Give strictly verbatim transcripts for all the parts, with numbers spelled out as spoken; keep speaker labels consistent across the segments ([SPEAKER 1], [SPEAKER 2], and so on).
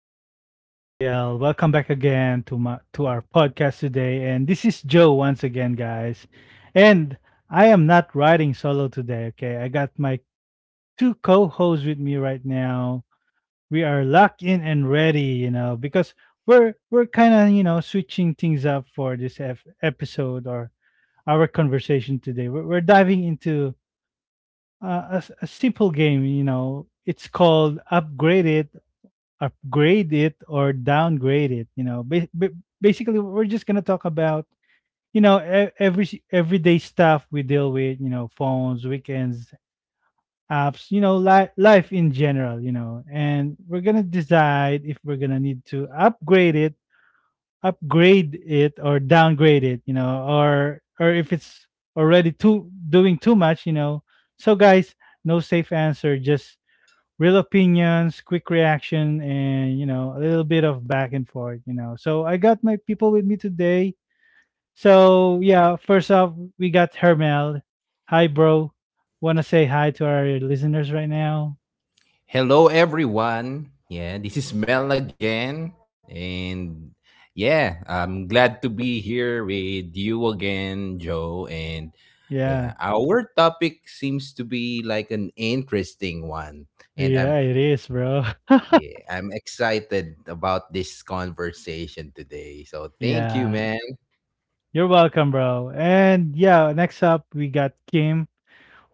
[SPEAKER 1] everybody? Uh, welcome back again to my to our podcast today, and this is Joe once again, guys. And I am not riding solo today. Okay, I got my two co-hosts with me right now. We are locked in and ready, you know, because we're we're kind of you know switching things up for this ep- episode or our conversation today. We're, we're diving into uh, a, s- a simple game, you know. It's called Upgraded upgrade it or downgrade it, you know, ba- ba- basically we're just going to talk about, you know, e- every everyday stuff we deal with, you know, phones, weekends, apps, you know, li- life in general, you know, and we're going to decide if we're going to need to upgrade it upgrade it or downgrade it, you know, or or if it's already too doing too much, you know. So guys, no safe answer, just real opinions, quick reaction, and, you know, a little bit of back and forth, you know. So I got my people with me today. So yeah, first off, we got Hermel. Hi, bro. Wanna say hi to our listeners right now?
[SPEAKER 2] Hello, everyone. Yeah, this is Mel again. And yeah, I'm glad to be here with you again, Joe. And yeah,
[SPEAKER 1] Yeah.
[SPEAKER 2] our topic seems to be like an interesting one. And
[SPEAKER 1] Yeah,
[SPEAKER 2] I'm,
[SPEAKER 1] it is, bro.
[SPEAKER 2] yeah, I'm excited about this conversation today. So thank you,
[SPEAKER 1] Yeah.
[SPEAKER 2] man.
[SPEAKER 1] You're welcome, bro. And yeah, next up we got Kim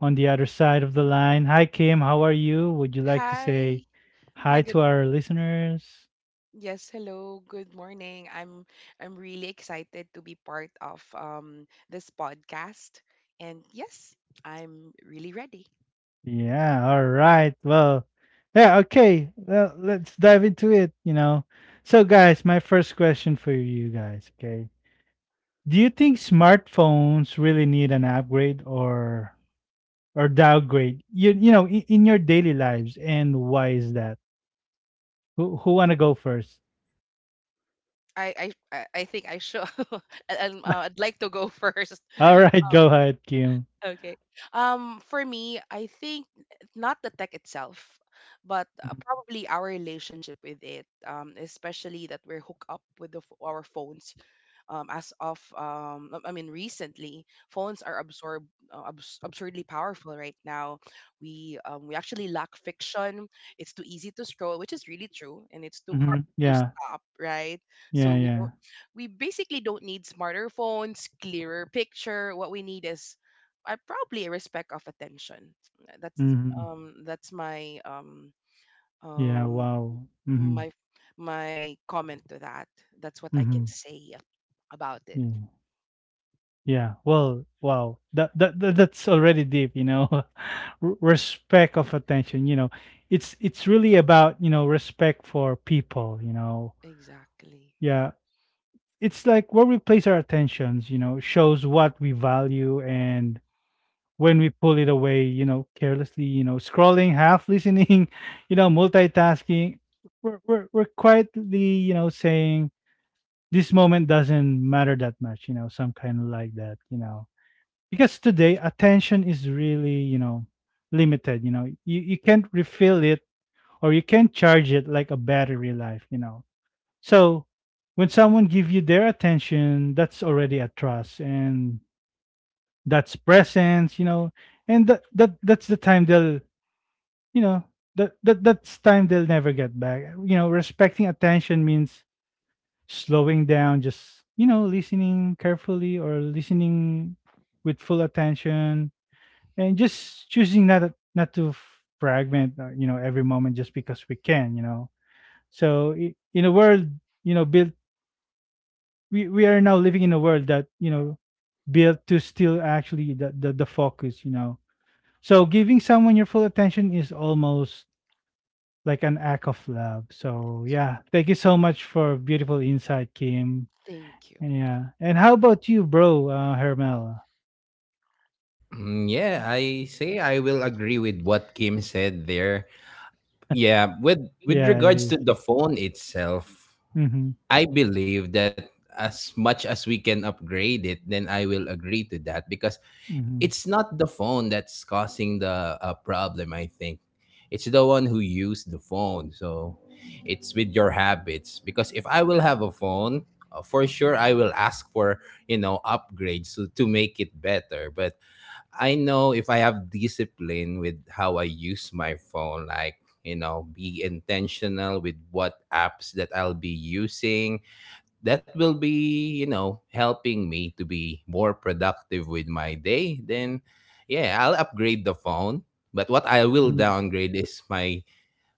[SPEAKER 1] on the other side of the line. Hi Kim, how are you? Would you like to say
[SPEAKER 3] Hi. Hi,
[SPEAKER 1] hi
[SPEAKER 3] good,
[SPEAKER 1] to our listeners?
[SPEAKER 3] yes, hello. Good morning. I'm I'm really excited to be part of um this podcast. And yes, I'm really ready.
[SPEAKER 1] Yeah, all right. Well, yeah, okay. Well, let's dive into it, you know. So, guys, my first question for you guys, okay? Do you think smartphones really need an upgrade or or downgrade? You you know, in, in your daily lives and why is that? Who who want to go first?
[SPEAKER 3] I I I I think I should I'd, um, uh, I'd like to go first.
[SPEAKER 1] All right, go ahead, Kim.
[SPEAKER 3] Okay. Um, for me, I think not the tech itself, but uh, probably our relationship with it. Um, especially that we're hooked up with the, ph- our phones. Um, as of um, I I mean, recently, phones are absorb uh, abs- absurdly powerful right now. We um, we actually lack fiction. It's too easy to scroll, which is really true, and it's too hard
[SPEAKER 1] Mhm.
[SPEAKER 3] to
[SPEAKER 1] Yeah.
[SPEAKER 3] stop, right? So
[SPEAKER 1] Yeah,
[SPEAKER 3] we
[SPEAKER 1] yeah.
[SPEAKER 3] don't we basically don't need smarter phones, clearer picture. What we need is, I probably, a respect of attention. That's
[SPEAKER 1] Mhm.
[SPEAKER 3] um that's my um
[SPEAKER 1] Yeah,
[SPEAKER 3] um
[SPEAKER 1] wow. Mhm.
[SPEAKER 3] my my comment to that. That's what I can
[SPEAKER 1] Mhm.
[SPEAKER 3] say ab- about it.
[SPEAKER 1] Yeah. Well, wow. That, that that that's already deep, you know. R- respect of attention, you know. It's it's really about, you know, respect for people, you know.
[SPEAKER 3] Exactly.
[SPEAKER 1] Yeah. It's like where we place our attentions, you know, shows what we value, and when we pull it away, you know, carelessly, you know, scrolling, half listening, you know, multitasking, we're we're, we're quietly, you know, saying this moment doesn't matter that much, you know, some kind of like that, you know, because
[SPEAKER 3] It's
[SPEAKER 1] today
[SPEAKER 3] true.
[SPEAKER 1] attention is really, you know, limited, you know. You, you can't refill it or you can't charge it like a battery life, you know. So when someone give you their attention, that's already a trust and that's presence, you know. And that, that that's the time they'll you know that, that that's time they'll never get back, you know. Respecting attention means slowing down, just, you know, listening carefully or listening with full attention, and just choosing not to- not to fragment, uh, you know, every moment just because we can, you know. So i- in a world, you know, built we, we are now living in a world that, you know, built to still actually the, the the focus, you know. So giving someone your full attention is almost like an act of love. So yeah, thank you so much for beautiful insight, Kim.
[SPEAKER 3] Thank you.
[SPEAKER 1] Yeah, and how about you, bro? Uh hermel?
[SPEAKER 2] Mm, Yeah, I say I will agree with what Kim said there. Yeah, with with
[SPEAKER 1] Yeah, it
[SPEAKER 2] regards
[SPEAKER 1] is.
[SPEAKER 2] to the phone itself,
[SPEAKER 1] Mm-hmm.
[SPEAKER 2] I believe that as much as we can upgrade it, then I will agree to that because
[SPEAKER 1] Mm-hmm.
[SPEAKER 2] it's not the phone that's causing the uh, problem, I think. It's the one who used the phone. So
[SPEAKER 3] It's true.
[SPEAKER 2] it's with your habits. Because if I will have a phone, uh, for sure I will ask for, you know, upgrades to, to make it better. But I know if I have discipline with how I use my phone, like, you know, be intentional with what apps that I'll be using that will be you know helping me to be more productive with my day. Then yeah, I'll upgrade the phone. But what I will downgrade is my,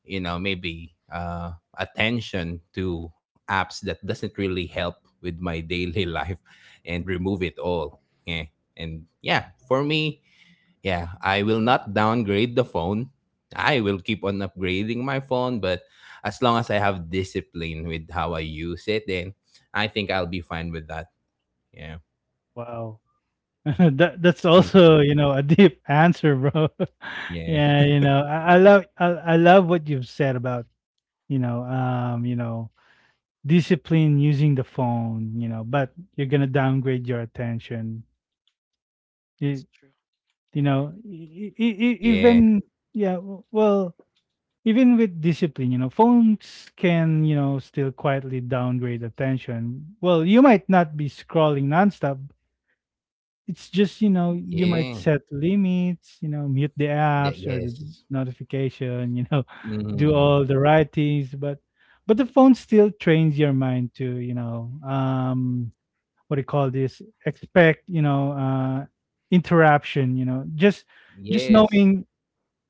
[SPEAKER 2] you know maybe, uh attention to apps that doesn't really help with my daily life, and remove it all. Yeah. And yeah, for me, yeah, I will not downgrade the phone. I will keep on upgrading my phone, but as long as I have discipline with how I use it, then I think I'll be fine with that. Yeah.
[SPEAKER 1] Wow. that that's
[SPEAKER 2] Mhm.
[SPEAKER 1] also, you know, a deep answer, bro.
[SPEAKER 2] Yeah.
[SPEAKER 1] Yeah, you know, I, I love I, I love what you've said about, you know, um you know, discipline using the phone, you know, but you're gonna downgrade your attention. you,
[SPEAKER 3] It's true. I
[SPEAKER 1] you
[SPEAKER 3] agree.
[SPEAKER 1] know, e- e- e- e,
[SPEAKER 2] Yeah.
[SPEAKER 1] even yeah, w- well, even with discipline, you know, phones can, you know, still quietly downgrade attention. Well, you might not be scrolling nonstop. It's just, you know, you might
[SPEAKER 2] Yeah.
[SPEAKER 1] set limits, you know, mute the
[SPEAKER 2] That,
[SPEAKER 1] apps or the
[SPEAKER 2] yes.
[SPEAKER 1] notification, you know, do
[SPEAKER 2] Mm.
[SPEAKER 1] all the right things, but but the phone still trains your mind to, you know, um, what do you call this? Expect, you know, uh, interruption, you know, just just
[SPEAKER 2] Yes.
[SPEAKER 1] knowing,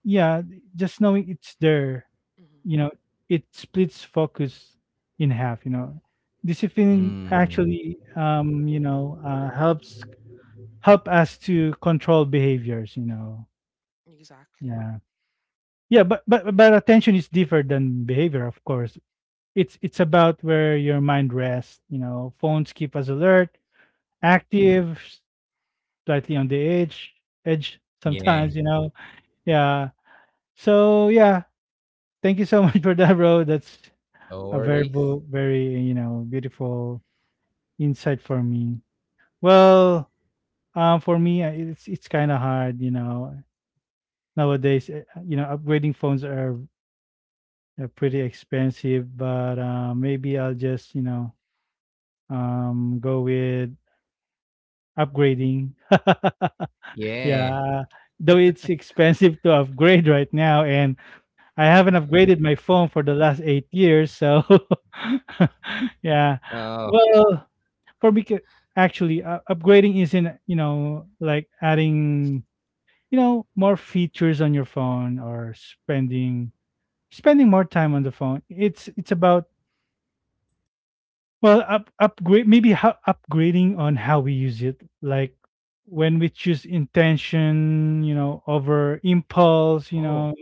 [SPEAKER 1] yeah, just knowing it's there,
[SPEAKER 3] Hmm.
[SPEAKER 1] you know, it splits focus in half, you know. Discipline
[SPEAKER 2] Mm.
[SPEAKER 1] actually, um, you know, uh, helps help us to control behaviors, you know.
[SPEAKER 3] Exactly.
[SPEAKER 1] Yeah. Yeah, but but but attention is different than behavior, of course. It's it's about where your mind rests, you know. Phones keep us alert,
[SPEAKER 3] Hmm.
[SPEAKER 1] active, slightly on the edge, edge
[SPEAKER 2] Yeah.
[SPEAKER 1] sometimes, you know. Yeah. So yeah, thank you so much for that, bro. That's
[SPEAKER 2] No
[SPEAKER 1] a very
[SPEAKER 2] worries.
[SPEAKER 1] bu- very, you know, beautiful insight for me. Well, um, for me, uh, it's it's kind of hard, you know, nowadays, eh, you know, upgrading phones are They're pretty expensive, but uh, maybe I'll just, you know, um, go with upgrading.
[SPEAKER 2] Yeah.
[SPEAKER 1] Yeah, though it's expensive to upgrade right now, and I haven't upgraded my phone for the last eight years. So, yeah,
[SPEAKER 2] Oh.
[SPEAKER 1] well, for me, ca- actually, uh, upgrading isn't, you know, like adding, you know, more features on your phone, or spending spending more time on the phone. It's it's about Well, up, upgrade maybe how upgrading on how we use it, like when we choose intention, you know, over impulse, you
[SPEAKER 2] Oh.
[SPEAKER 1] know.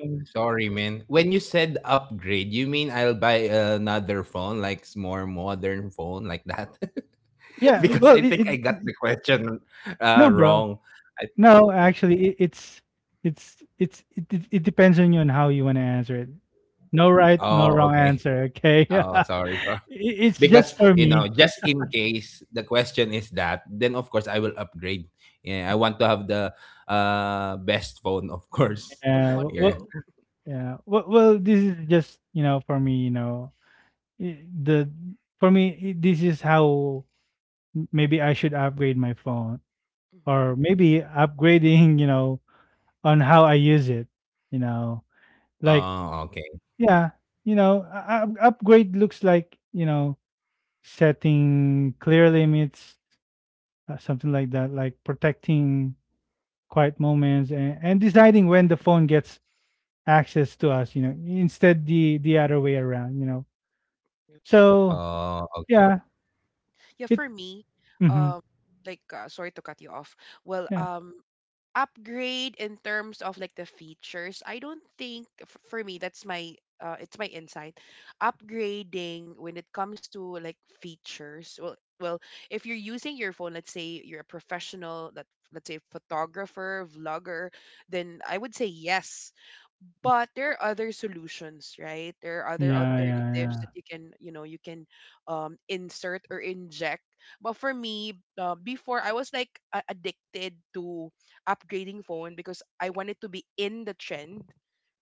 [SPEAKER 3] That's
[SPEAKER 2] Sorry,
[SPEAKER 3] true.
[SPEAKER 2] man. When you said upgrade, you mean I'll buy another phone, like s- more modern phone, like that?
[SPEAKER 1] Yeah,
[SPEAKER 2] Because
[SPEAKER 1] well,
[SPEAKER 2] I
[SPEAKER 1] it, it,
[SPEAKER 2] think I got the
[SPEAKER 1] it-
[SPEAKER 2] question
[SPEAKER 1] no,
[SPEAKER 2] uh,
[SPEAKER 1] bro,
[SPEAKER 2] wrong. I,
[SPEAKER 1] no,
[SPEAKER 2] yeah.
[SPEAKER 1] actually, it, it's it's it's it, it, it depends on you on how you want to answer it. No right, no wrong
[SPEAKER 2] Oh,
[SPEAKER 3] Yeah.
[SPEAKER 2] okay.
[SPEAKER 1] answer. Okay, I-
[SPEAKER 2] Oh, sorry.
[SPEAKER 1] it's just
[SPEAKER 2] Because
[SPEAKER 1] for
[SPEAKER 2] you know,
[SPEAKER 1] me.
[SPEAKER 2] just in case the question is that, then of course I will upgrade. Yeah, I want to have the uh best phone, of course.
[SPEAKER 3] The
[SPEAKER 1] Yeah, w- well,
[SPEAKER 3] modern.
[SPEAKER 2] Yeah.
[SPEAKER 1] yeah, well, well, this is just, you know, for me, you know, I- the for me i- this is how m- maybe I should upgrade my phone, or
[SPEAKER 3] Hmm.
[SPEAKER 1] maybe upgrading, you know, on how I use it, you know, like,
[SPEAKER 2] Oh, okay.
[SPEAKER 1] yeah, you know, uh, up- upgrade looks like, you know, setting clear limits, uh, something like that, like protecting quiet moments, and and deciding when the phone gets access to us, you know, instead the, the other way around, you know.
[SPEAKER 3] That's true.
[SPEAKER 1] So
[SPEAKER 2] Oh, okay.
[SPEAKER 1] yeah,
[SPEAKER 3] Yeah,
[SPEAKER 1] it,
[SPEAKER 3] for me,
[SPEAKER 1] mm-hmm,
[SPEAKER 3] um, like, uh, sorry to cut you off. Well,
[SPEAKER 1] yeah,
[SPEAKER 3] um, upgrade in terms of like the features, I don't think, f- for me that's my uh, it's my insight, upgrading when it comes to like features. Well well, if you're using your phone, let's say you're a professional, let, let's say, photographer, vlogger, then I would say yes. But there are other solutions, right? There are other
[SPEAKER 1] yeah, yeah,
[SPEAKER 3] alternatives
[SPEAKER 1] yeah.
[SPEAKER 3] that you can, you know you can um, insert or inject. But for me, uh, before I was like a- addicted to upgrading phone because I wanted to be in the trend,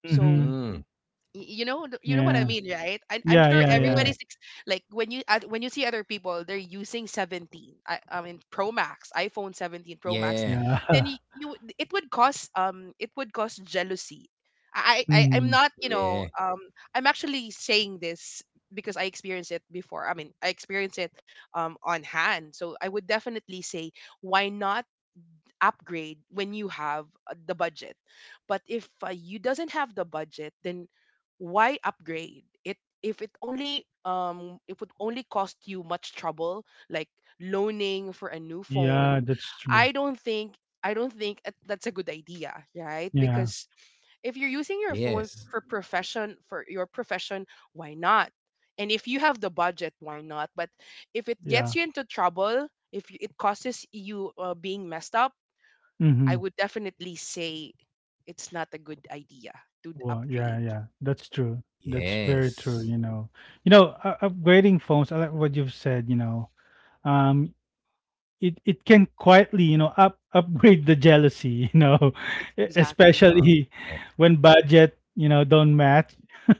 [SPEAKER 3] so.
[SPEAKER 1] Mm-hmm.
[SPEAKER 2] Mm,
[SPEAKER 3] Y- you know, th- you know what I
[SPEAKER 1] Yeah.
[SPEAKER 3] mean, right? I, i'm
[SPEAKER 1] Yeah.
[SPEAKER 3] sure
[SPEAKER 1] Yeah. Yeah.
[SPEAKER 3] everybody's
[SPEAKER 2] yeah.
[SPEAKER 3] ex- like, when you at- when you see other people, they're using seventeen, i, I mean, pro max iPhone seventeen Pro Max.
[SPEAKER 2] Yeah.
[SPEAKER 1] Yeah.
[SPEAKER 3] Then you, you would- it would cause um it would cause jealousy. I, I I'm
[SPEAKER 1] Mhm.
[SPEAKER 3] not, you know
[SPEAKER 2] Yeah.
[SPEAKER 3] um I'm actually saying this because I experienced it before. I mean, I experienced it um on hand, so I would definitely say, why not upgrade when you have uh, the budget? But if uh, you doesn't have the budget, then why upgrade? It if it only um it would only cost you much trouble, like loaning for a new
[SPEAKER 1] Yeah,
[SPEAKER 3] phone.
[SPEAKER 1] that's true.
[SPEAKER 3] I don't think I don't think it- that's a good idea, right?
[SPEAKER 1] Yeah,
[SPEAKER 3] Because if you're using your phone
[SPEAKER 2] Yes.
[SPEAKER 3] for profession for your profession, why not? And if you have the budget, why not? But if it gets
[SPEAKER 1] yeah.
[SPEAKER 3] you into trouble, if you- it causes you uh, being messed up, I
[SPEAKER 1] Mhm.
[SPEAKER 3] would definitely say it's not a good idea to
[SPEAKER 1] Well, yeah,
[SPEAKER 3] upgrade.
[SPEAKER 1] yeah. That's true. That's very true, you
[SPEAKER 2] Yes.
[SPEAKER 1] know. You know, uh, upgrading phones, I like what you've said, you know. Um it it can quietly, you know, up upgrade the jealousy, you know,
[SPEAKER 3] It's
[SPEAKER 1] e-
[SPEAKER 3] exactly
[SPEAKER 1] especially
[SPEAKER 2] Okay.
[SPEAKER 1] when budget, you know, don't match.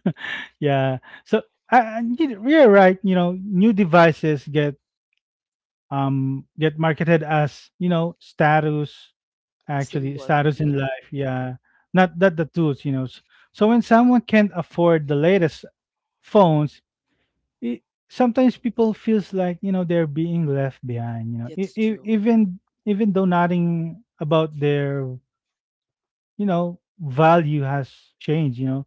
[SPEAKER 1] Yeah. So uh, you're right, you know, new devices get um get marketed as, you know, status Actually,
[SPEAKER 3] symbol.
[SPEAKER 1] status in
[SPEAKER 3] Mm-hmm.
[SPEAKER 1] life, yeah. Not that the tools, you know. S- So when someone can't afford the latest phones, it, sometimes people feels like, you know, they're being left behind. You know, e-
[SPEAKER 3] It's
[SPEAKER 1] e-
[SPEAKER 3] true.
[SPEAKER 1] even even though nothing about their, you know, value has changed. You know,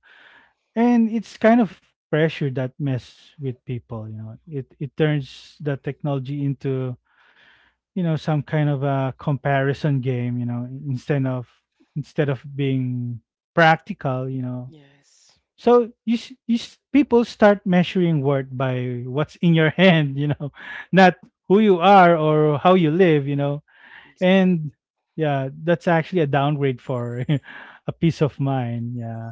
[SPEAKER 1] and it's kind of pressure that mess with people. You know, it it turns the technology into, you know, some kind of a comparison game, you know, instead of instead of being practical, you know.
[SPEAKER 3] Yes,
[SPEAKER 1] So you, s- you s- people start measuring worth by what's in your hand, you know, not who you are or how you live, you know.
[SPEAKER 3] exactly.
[SPEAKER 1] And yeah, that's actually a downgrade for a peace of mind. Yeah.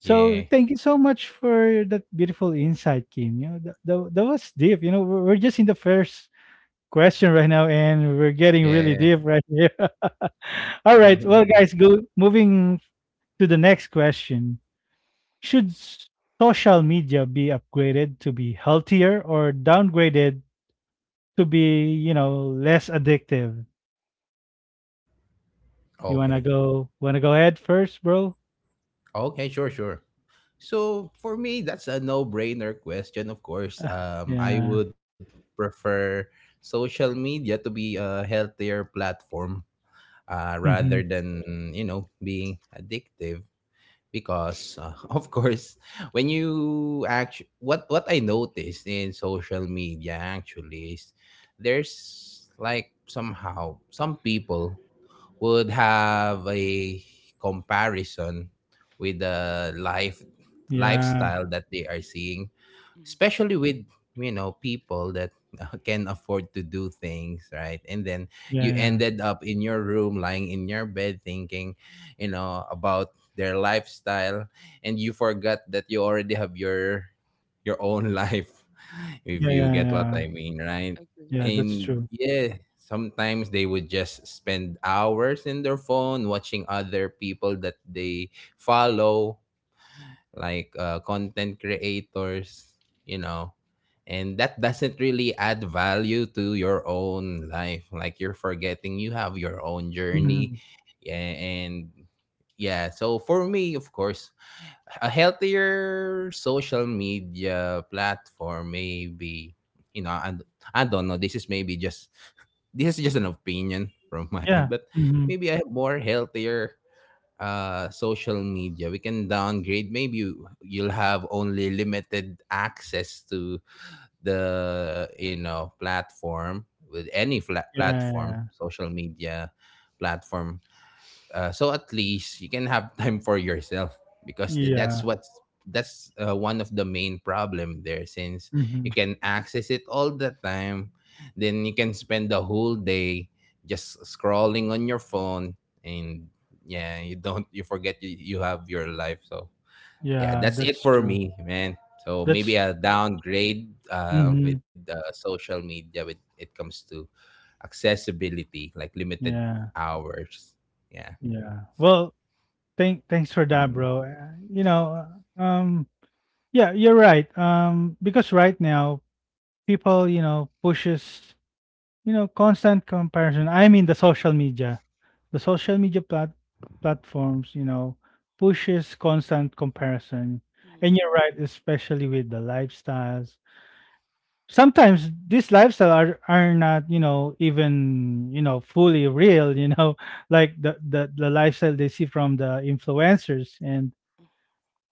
[SPEAKER 1] So
[SPEAKER 2] Yeah.
[SPEAKER 1] thank you so much for that beautiful insight, Kim. You know, that, that, that was deep, you know. We're we're just in the first question right now, and we're getting really
[SPEAKER 2] Yeah.
[SPEAKER 1] deep right here. All right, well, guys, go moving to the next question. Should s- social media be upgraded to be healthier, or downgraded to be, you know, less addictive? You wanna
[SPEAKER 2] Okay.
[SPEAKER 1] go? Wanna go ahead first, bro?
[SPEAKER 2] Okay, sure, sure. So for me, that's a no-brainer question. Of course,
[SPEAKER 1] Ah,
[SPEAKER 2] um, I
[SPEAKER 1] yeah.
[SPEAKER 2] would prefer social media to be a healthier platform, uh, rather
[SPEAKER 1] Mm-hmm.
[SPEAKER 2] than you know being addictive. Because, uh, of course, when you actually what what I noticed in social media actually is there's like somehow some people would have a comparison with the life
[SPEAKER 1] Yeah.
[SPEAKER 2] lifestyle that they are seeing,
[SPEAKER 3] Mm.
[SPEAKER 2] especially with you know people that uh, can afford to do things, right? And then
[SPEAKER 1] Yeah.
[SPEAKER 2] you
[SPEAKER 1] Yeah.
[SPEAKER 2] ended up in your room lying in your bed thinking you know about their lifestyle, and you forgot that you already have your your own life, if
[SPEAKER 1] Yeah. Yeah.
[SPEAKER 2] you
[SPEAKER 1] Yeah.
[SPEAKER 2] get what
[SPEAKER 1] Yeah.
[SPEAKER 2] I mean, right?
[SPEAKER 3] Agree.
[SPEAKER 1] Yeah, that's
[SPEAKER 3] Agree.
[SPEAKER 2] And
[SPEAKER 1] true.
[SPEAKER 2] yeah, sometimes they would just spend hours in their phone watching other people that they follow, like uh, content creators, you know and that doesn't really add value to your own life. Like you're forgetting you have your own journey.
[SPEAKER 1] Hmm.
[SPEAKER 2] Yeah. And yeah, so for me, of course, a healthier social media platform maybe, you know and I don't know. This is maybe just this is just an opinion from my end,
[SPEAKER 1] Yeah.
[SPEAKER 2] but
[SPEAKER 1] Mm-hmm.
[SPEAKER 2] maybe a more healthier uh social media, we can downgrade. Maybe you, you'll have only limited access to the you know platform, with any flat platform
[SPEAKER 1] Yeah.
[SPEAKER 2] social media platform, uh, so at least you can have time for yourself. Because
[SPEAKER 1] Yeah.
[SPEAKER 2] that's
[SPEAKER 1] Yeah.
[SPEAKER 2] what's that's uh, one of the main problem there, since you
[SPEAKER 1] Hmm.
[SPEAKER 2] can access it all the time, then you can spend the whole day just scrolling on your phone. And yeah, you don't, you forget, you, you have your life. So yeah,
[SPEAKER 1] Yeah,
[SPEAKER 2] that's it
[SPEAKER 1] that's
[SPEAKER 2] for
[SPEAKER 1] true.
[SPEAKER 2] me, man. So maybe
[SPEAKER 1] That's
[SPEAKER 2] a downgrade, uh,
[SPEAKER 1] mhm,
[SPEAKER 2] with, uh, social media, with it comes to accessibility, like limited
[SPEAKER 1] yeah,
[SPEAKER 2] hours. Yeah.
[SPEAKER 1] yeah. Well, thank thanks for that, bro. Uh, You know, uh, um, yeah, you're right. Um, because right now people, you know, pushes, you know, constant comparison. I mean, the social media, the social media plat platforms, you know, pushes constant comparison. And
[SPEAKER 3] Mm.
[SPEAKER 1] you're right, especially with the lifestyles. Sometimes these lifestyle are are not, you know, even, you know, fully real, you know, like the the, the lifestyle they see from the influencers. And
[SPEAKER 3] Mm.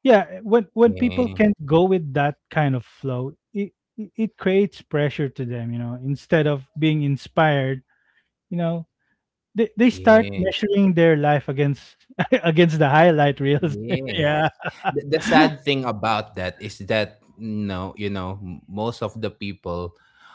[SPEAKER 1] yeah, when when people
[SPEAKER 2] Yeah,
[SPEAKER 1] can't go with that kind of flow, it it it creates pressure to them, you know, instead of being inspired, you know. They, they start
[SPEAKER 2] yeah,
[SPEAKER 1] measuring their life against against the highlight reels.
[SPEAKER 2] yeah.
[SPEAKER 3] Yes,
[SPEAKER 1] Yeah,
[SPEAKER 2] the, the sad
[SPEAKER 3] exactly.
[SPEAKER 2] thing about that is that no, you know, m- most of the people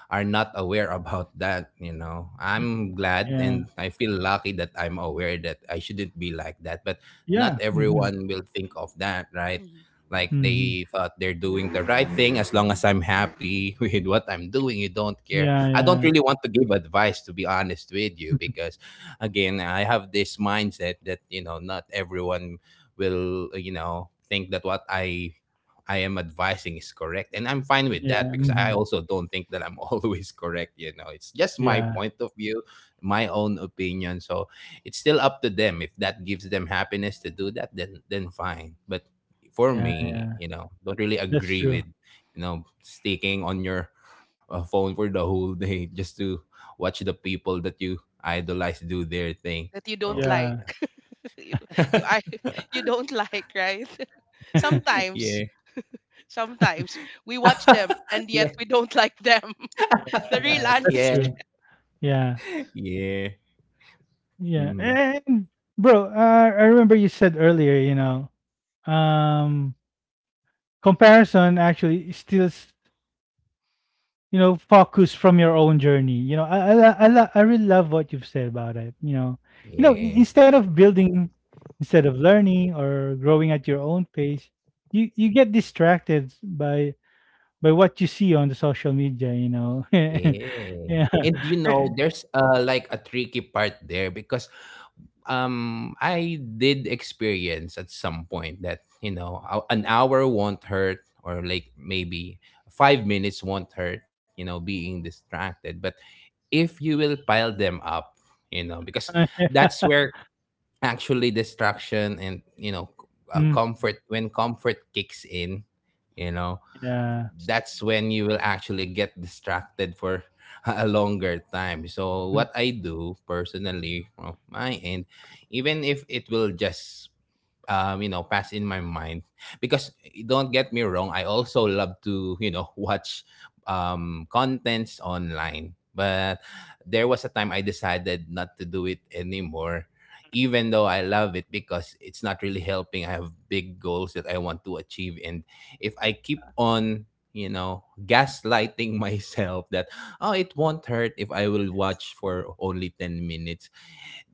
[SPEAKER 2] are not aware about that, you know. I'm glad
[SPEAKER 1] yeah,
[SPEAKER 2] and I feel lucky that I'm aware that I shouldn't be like that, but not
[SPEAKER 1] yeah. Mhm.
[SPEAKER 2] everyone will think of that, right?
[SPEAKER 3] Mm-hmm.
[SPEAKER 2] Like
[SPEAKER 1] Mhm.
[SPEAKER 2] they thought they're doing the right thing. As long as I'm happy with what I'm doing, you don't care.
[SPEAKER 1] Yeah,
[SPEAKER 2] I don't
[SPEAKER 1] yeah.
[SPEAKER 2] really want to give advice, to be honest with you, because again, I have this mindset that, you know, not everyone will, uh, you know think that what i i am advising is correct. And I'm fine with that
[SPEAKER 1] Yeah.
[SPEAKER 2] because I
[SPEAKER 1] Mhm.
[SPEAKER 2] also don't think that I'm always correct, you know it's just my
[SPEAKER 1] Yeah.
[SPEAKER 2] point of view, my own opinion. So it's still up to them. If that gives them happiness to do that, then then fine. But for
[SPEAKER 1] Yeah, yeah.
[SPEAKER 2] me, you know don't really
[SPEAKER 1] That's
[SPEAKER 2] agree
[SPEAKER 1] true.
[SPEAKER 2] with you know sticking on your uh, phone for the whole day just to watch the people that you idolize do their thing.
[SPEAKER 3] That you don't
[SPEAKER 2] So
[SPEAKER 3] like.
[SPEAKER 1] Yeah.
[SPEAKER 3] you you
[SPEAKER 2] yeah.
[SPEAKER 3] I you don't like, right? sometimes,
[SPEAKER 2] Yeah.
[SPEAKER 3] sometimes we watch them, and yet
[SPEAKER 2] Yeah.
[SPEAKER 3] we don't like them.
[SPEAKER 1] Yeah,
[SPEAKER 3] The real
[SPEAKER 1] yeah. That's
[SPEAKER 2] Yeah,
[SPEAKER 3] honesty.
[SPEAKER 1] true. Yeah.
[SPEAKER 2] yeah.
[SPEAKER 1] Yeah.
[SPEAKER 2] Mm.
[SPEAKER 1] And bro, uh, I remember you said earlier, you know, um comparison actually steals, you know, focus from your own journey. You know, I I lo- I, lo- I really love what you've said about it, you know. You know, i-
[SPEAKER 2] Yeah,
[SPEAKER 1] instead of building instead of learning or growing at your own pace, you you get distracted by by what you see on the social media, you know.
[SPEAKER 2] yeah.
[SPEAKER 1] Yeah.
[SPEAKER 2] And, you know, there's uh like a tricky part there because um I did experience at some point that, you know ou- an hour won't hurt, or like maybe five minutes won't hurt. You know, being distracted. But if you will pile them up, you know, because that's where actually distraction and, you know uh,
[SPEAKER 1] Mm,
[SPEAKER 2] comfort, when comfort kicks in, you know
[SPEAKER 1] yeah.
[SPEAKER 3] It's true.
[SPEAKER 2] that's when you will actually get distracted for a longer time. So
[SPEAKER 1] Mm,
[SPEAKER 2] what I do personally from my end, even if it will just, um, you know, pass in my mind. Because, eh, don't get me wrong, I also love to, you know, watch um, contents online.
[SPEAKER 3] Mm,
[SPEAKER 2] But there was a time I decided not to do it anymore, even though I love it, because it's not really helping. I have big goals that I want to achieve. And if I keep on, you know, gaslighting myself that, oh, it won't hurt if I will
[SPEAKER 3] yes,
[SPEAKER 2] watch for only ten minutes.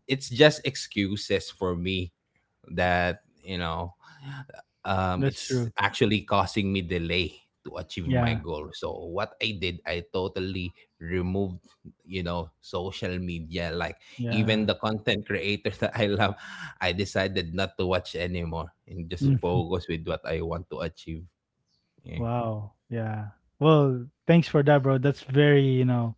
[SPEAKER 2] It's just excuses for me that, you know um,
[SPEAKER 1] that's
[SPEAKER 2] it's
[SPEAKER 1] true.
[SPEAKER 2] actually causing me delay to achieve
[SPEAKER 3] correct.
[SPEAKER 2] my
[SPEAKER 1] Yeah.
[SPEAKER 2] goal. So what I did, I totally removed, you know, social media. Like
[SPEAKER 1] Yeah.
[SPEAKER 2] even the content creator that I love, I decided not to watch anymore and just
[SPEAKER 1] Mm,
[SPEAKER 2] focus with what I want to achieve. Yeah.
[SPEAKER 1] wow. Yeah. Well, thanks for that, bro. That's very, you know,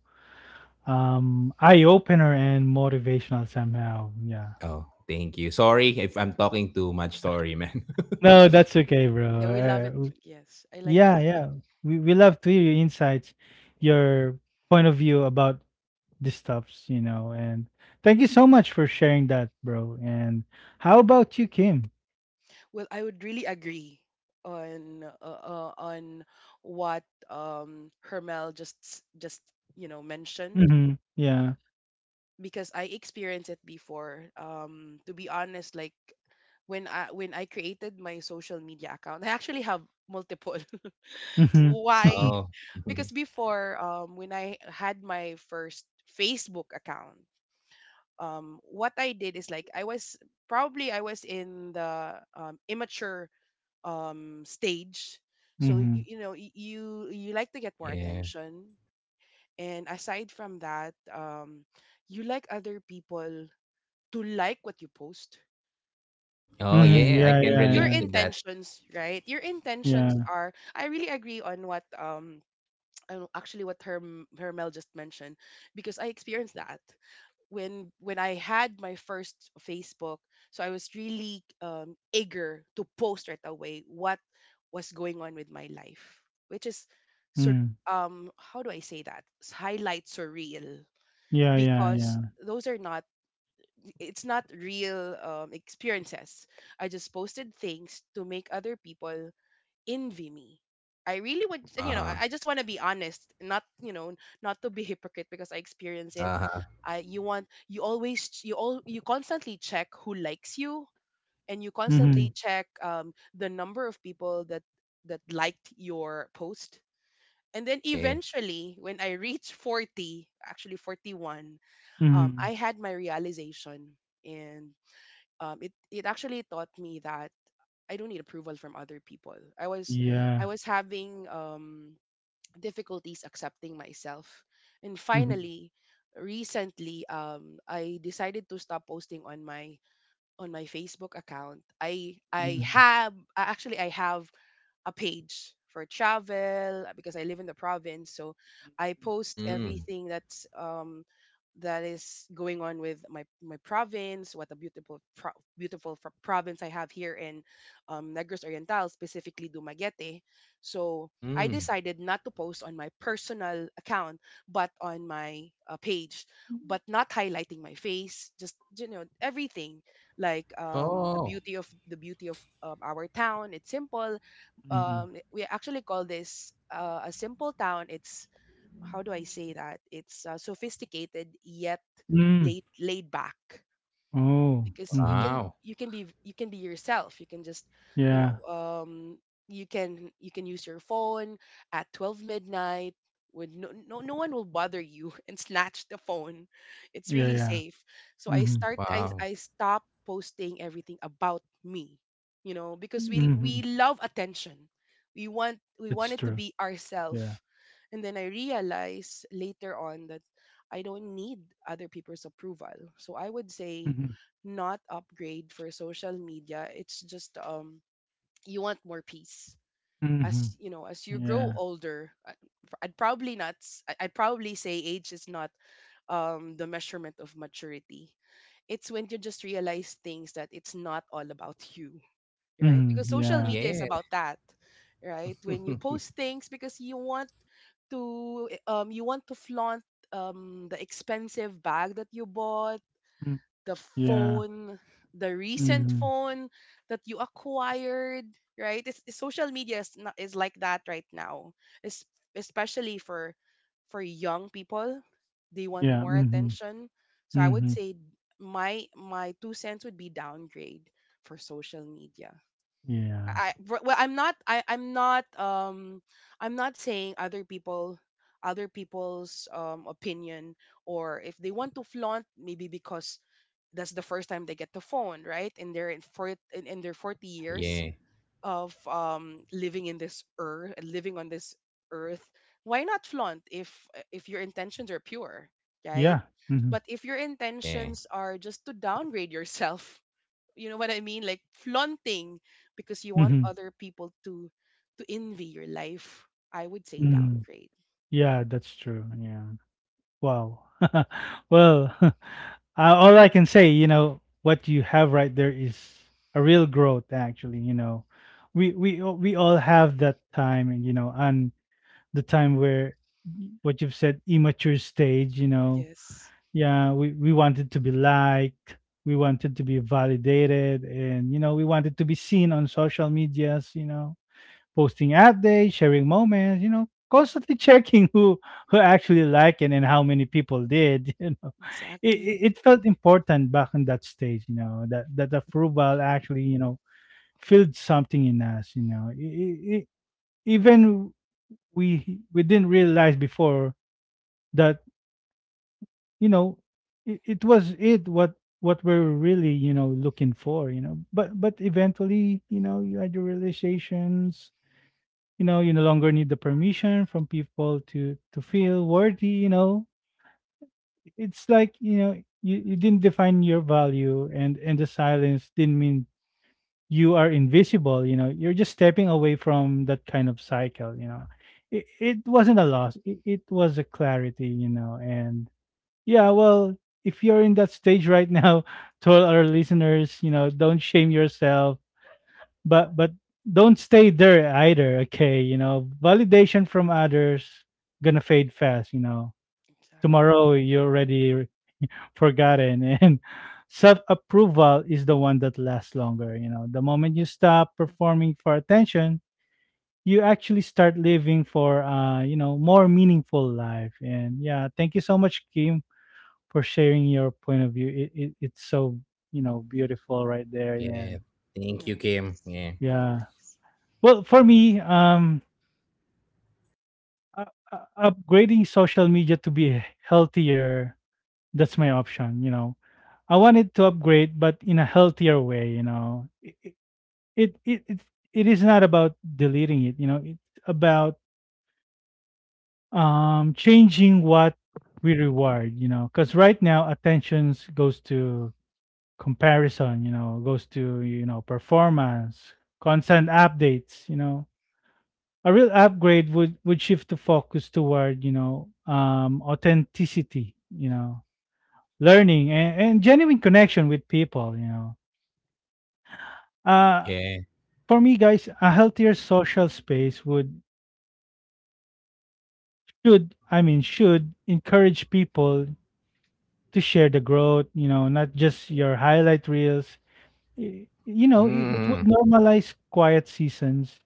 [SPEAKER 1] um, eye opener and motivational somehow. Yeah.
[SPEAKER 2] Oh, thank you. Sorry if I'm talking too much. Sorry, man.
[SPEAKER 1] No, that's
[SPEAKER 3] Mm.
[SPEAKER 1] okay, bro.
[SPEAKER 3] Yeah, we love
[SPEAKER 1] Uh,
[SPEAKER 3] it.
[SPEAKER 1] w-
[SPEAKER 3] Yes, I like
[SPEAKER 1] yeah,
[SPEAKER 3] that.
[SPEAKER 1] yeah. We we love to hear your insights, your point of view about this stuffs, you know. And thank you so much for sharing that, bro. And how about you, Kim?
[SPEAKER 3] Well, I would really agree on uh, uh, on what um Hermel just s- just you know mentioned,
[SPEAKER 1] Mm-hmm. Yeah.
[SPEAKER 3] because I experienced it before. Um, to be honest, like, when I when I created my social media account, I actually have multiple.
[SPEAKER 1] Mm-hmm.
[SPEAKER 3] Why?
[SPEAKER 2] Oh.
[SPEAKER 3] Because before, um, when I had my first Facebook account, um, what I did is, like, I was probably I was in the um, immature um, stage, so y-
[SPEAKER 1] mm-hmm.
[SPEAKER 3] you know, y- you you like to get more
[SPEAKER 2] Yeah.
[SPEAKER 3] attention, and aside from that, um, you like other people to like what you post.
[SPEAKER 2] Oh,
[SPEAKER 1] Mm-hmm.
[SPEAKER 3] And
[SPEAKER 2] yeah. I
[SPEAKER 1] Yeah,
[SPEAKER 2] can
[SPEAKER 1] yeah,
[SPEAKER 3] your
[SPEAKER 2] relate
[SPEAKER 1] yeah.
[SPEAKER 2] to that.
[SPEAKER 3] intentions, right? Your intentions
[SPEAKER 1] Yeah.
[SPEAKER 3] are. I really agree on what um. I don't- Actually, what her Hermel just mentioned, because I experienced that. when when I had my first Facebook, so I was really um, eager to post right away what was going on with my life, which is sur-
[SPEAKER 1] Mm.
[SPEAKER 3] um how do I say that? S- Highlight surreal,
[SPEAKER 1] Yeah, yeah,
[SPEAKER 3] because
[SPEAKER 1] yeah.
[SPEAKER 3] those are not, it's not real, um, experiences. I just posted things to make other people envy me. I really would, and
[SPEAKER 2] Uh
[SPEAKER 3] you know, I,
[SPEAKER 2] huh.
[SPEAKER 3] I just want to be honest, not, you know, not to be hypocrite, because I experience it.
[SPEAKER 2] Uh huh.
[SPEAKER 3] I you want you always ch- you all you constantly check who likes you, and you
[SPEAKER 1] Mm-hmm.
[SPEAKER 3] constantly check um, the number of people that that liked your post. And then
[SPEAKER 2] Yeah.
[SPEAKER 3] eventually, when I reached forty, actually forty-one, um,
[SPEAKER 1] Mm-hmm.
[SPEAKER 3] I had my realization, and um, it it actually taught me that I don't need approval from other people. I was I
[SPEAKER 1] Yeah.
[SPEAKER 3] was having um difficulties accepting myself. And
[SPEAKER 1] Mm-hmm.
[SPEAKER 3] finally, recently, um I decided to stop posting on my on my Facebook account. I I
[SPEAKER 1] Mm-hmm.
[SPEAKER 3] have uh, actually I have a page for travel, uh, because I live in the province. So I post
[SPEAKER 2] Mm.
[SPEAKER 3] everything that's um, that is going on with my my province, what a beautiful pro- beautiful fr- province I have here in um, Negros Oriental, specifically Dumaguete. So I
[SPEAKER 2] Mm.
[SPEAKER 3] decided not to post on my personal account, but on my uh, page, but not highlighting my face, just, you know everything, like, um, the
[SPEAKER 2] Oh,
[SPEAKER 3] beauty of the beauty of um, our town. It's simple.
[SPEAKER 1] Mm-hmm.
[SPEAKER 3] Um we actually call this uh, a simple town. It's how do I say that? It's uh, sophisticated yet
[SPEAKER 1] Mm.
[SPEAKER 3] laid laid back,
[SPEAKER 1] Oh.
[SPEAKER 3] because you
[SPEAKER 1] Mm-hmm.
[SPEAKER 3] can
[SPEAKER 2] wow.
[SPEAKER 3] you can be you can be yourself. you can just you know
[SPEAKER 1] Yeah.
[SPEAKER 3] um you can you can use your phone at twelve midnight, with no, no no one will bother you and snatch the phone. It's
[SPEAKER 1] Yeah,
[SPEAKER 3] really
[SPEAKER 1] yeah.
[SPEAKER 3] safe. So I
[SPEAKER 1] Mm-hmm.
[SPEAKER 3] start I
[SPEAKER 2] Wow.
[SPEAKER 3] I stop posting everything about me, you know because we
[SPEAKER 1] Mm-hmm.
[SPEAKER 3] we love attention. We want we want
[SPEAKER 1] It's
[SPEAKER 3] it to
[SPEAKER 1] true.
[SPEAKER 3] be
[SPEAKER 1] Yeah.
[SPEAKER 3] ourself. And then I realize later on that I don't need other people's approval, so I would say
[SPEAKER 1] Mm-hmm.
[SPEAKER 3] not upgrade for social media. It's just, um you want more peace.
[SPEAKER 1] Mm-hmm.
[SPEAKER 3] As you know, as you grow
[SPEAKER 1] Yeah.
[SPEAKER 3] older, I- I'd probably not. s- I- I'd probably say age is not um the measurement of maturity. It's when you just realize things that it's not all about you, right? Because
[SPEAKER 1] Mm-hmm.
[SPEAKER 3] social
[SPEAKER 1] Yeah.
[SPEAKER 3] media is
[SPEAKER 2] Yeah.
[SPEAKER 3] about that, right? When you post things because you want to eh, um you want to flaunt um the expensive bag that you bought,
[SPEAKER 1] Mm.
[SPEAKER 3] the
[SPEAKER 1] Yeah.
[SPEAKER 3] phone, the recent
[SPEAKER 1] Mm-hmm.
[SPEAKER 3] phone that you acquired, right? It's, it's social media is, not, is like that right now, es- especially for for young people. They want
[SPEAKER 1] Yeah.
[SPEAKER 3] more
[SPEAKER 1] Mm-hmm.
[SPEAKER 3] attention. So I would
[SPEAKER 1] Mhm.
[SPEAKER 3] say my my two cents would be downgrade for social media.
[SPEAKER 1] Yeah.
[SPEAKER 3] I I- well, I'm not, I I'm not, um I'm not saying other people other people's um opinion, or if they want to flaunt, maybe because that's the first time they get the phone, right? In their in for in, in their forty years
[SPEAKER 2] Yeah.
[SPEAKER 3] of um living in this earth, living on this earth, why not flaunt if if your intentions are pure, right?
[SPEAKER 1] Yeah. Mhm.
[SPEAKER 3] But if your
[SPEAKER 2] Yeah.
[SPEAKER 3] intentions are just to downgrade yourself, you know what I mean? Like flaunting because you want
[SPEAKER 1] Mhm.
[SPEAKER 3] other people to to envy your life, I would say
[SPEAKER 1] Mhm.
[SPEAKER 3] downgrade.
[SPEAKER 1] Yeah, that's true. Yeah. Wow. well, uh, all I can say, you know, what you have right there is a real growth actually, you know. We we all- we all have that time and you know, and the time where y- what you've said immature stage, you know.
[SPEAKER 3] Yes,
[SPEAKER 1] Yeah, we we wanted to be liked, we wanted to be validated and you know, we wanted to be seen on social medias, you know, posting updates, sharing moments, you know, constantly checking who who actually liked it and how many people did, you know. It, it
[SPEAKER 3] exactly.
[SPEAKER 1] it felt important back in that stage, you know, that that approval actually, you know, filled something in us, you know. I i i even we we didn't realize before that, you know, it, it was it what what we're really you know looking for, you know. but but eventually, you know, you had your realizations, you know. You no longer need the permission from people to to feel worthy, you know. It's like, you know, you, you didn't define your value, and and the silence didn't mean you are invisible, you know. You're just stepping away from that kind of cycle, you know. It, it wasn't a loss, it, it was a clarity, you know. And yeah, well, if you're in that stage right now, to all our listeners, you know, don't shame yourself, but but don't stay there either, okay. You know, validation from others gonna fade fast, you know.
[SPEAKER 3] Exactly.
[SPEAKER 1] Tomorrow you already forgotten and self approval is the one that lasts longer, you know. The moment you stop performing for attention, you actually start living for uh you know more meaningful life. And yeah, thank you so much, Kim, for sharing your point of view. It, it it's so, you know, beautiful right there. And
[SPEAKER 2] Yeah.
[SPEAKER 3] No
[SPEAKER 2] Thank you,
[SPEAKER 3] worries.
[SPEAKER 2] Kim. Yeah.
[SPEAKER 3] No
[SPEAKER 1] yeah.
[SPEAKER 3] worries.
[SPEAKER 1] well for me um Uh, uh, upgrading social media to be h- healthier, that's my option, you know. I wanted to upgrade, but in a healthier way, you know. It it it it, it it is not about deleting it, you know. It's about um changing what we reward, you know. Because right now, attention goes to comparison, you know, goes to you know performance, constant updates, you know. A real upgrade would would shift the focus toward, you know, um authenticity, you know, learning and, and genuine connection with people, you know. uh
[SPEAKER 2] Yeah.
[SPEAKER 1] for me, guys, a healthier social space would should I mean should encourage people to share the growth, you know, not just your highlight reels. Y- you know, it, it would
[SPEAKER 2] Mm.
[SPEAKER 1] normalize quiet seasons,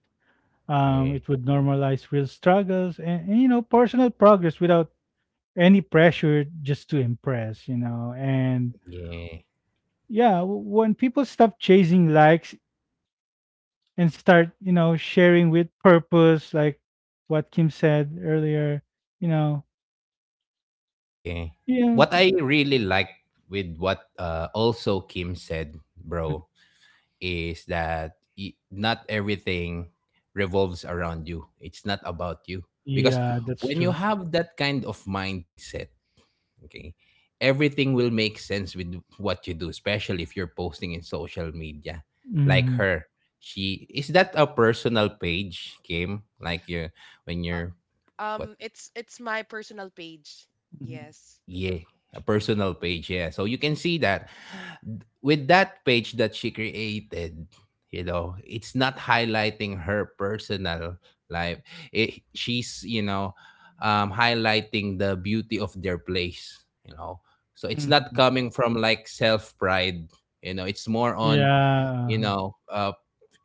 [SPEAKER 1] um
[SPEAKER 2] Yeah.
[SPEAKER 1] it would normalize real struggles and, and you know personal progress without any pressure just to impress, you know. And
[SPEAKER 2] Yeah.
[SPEAKER 1] yeah, w- when people stop chasing likes and start, you know, sharing with purpose, like what Kim said earlier, you know,
[SPEAKER 2] Yeah.
[SPEAKER 1] yeah,
[SPEAKER 2] What I really like with what, uh, also Kim said,
[SPEAKER 1] mm,
[SPEAKER 2] bro, is that y- not everything revolves around you. It's not about you. Because
[SPEAKER 1] yeah, that's
[SPEAKER 2] when you
[SPEAKER 1] true.
[SPEAKER 2] have that kind of mindset. Okay. Everything will make sense with what you do, especially if you're posting in social media.
[SPEAKER 3] Exactly.
[SPEAKER 2] Like
[SPEAKER 1] Hmm.
[SPEAKER 2] her. She is that a personal page, Kim? Like you, when you're, what?
[SPEAKER 3] Um, it's it's my personal page.
[SPEAKER 1] Hmm.
[SPEAKER 3] Yes.
[SPEAKER 2] Yeah, a personal page. Yeah. So you can see that with that page that she created, you know, it's not highlighting her personal life. It, she's, you know, um, highlighting the beauty of their place, you know. So it's not
[SPEAKER 1] Hmm.
[SPEAKER 2] coming from like self pride, you know, it's more
[SPEAKER 1] Yeah,
[SPEAKER 2] on, you
[SPEAKER 1] uh-huh,
[SPEAKER 2] know, uh,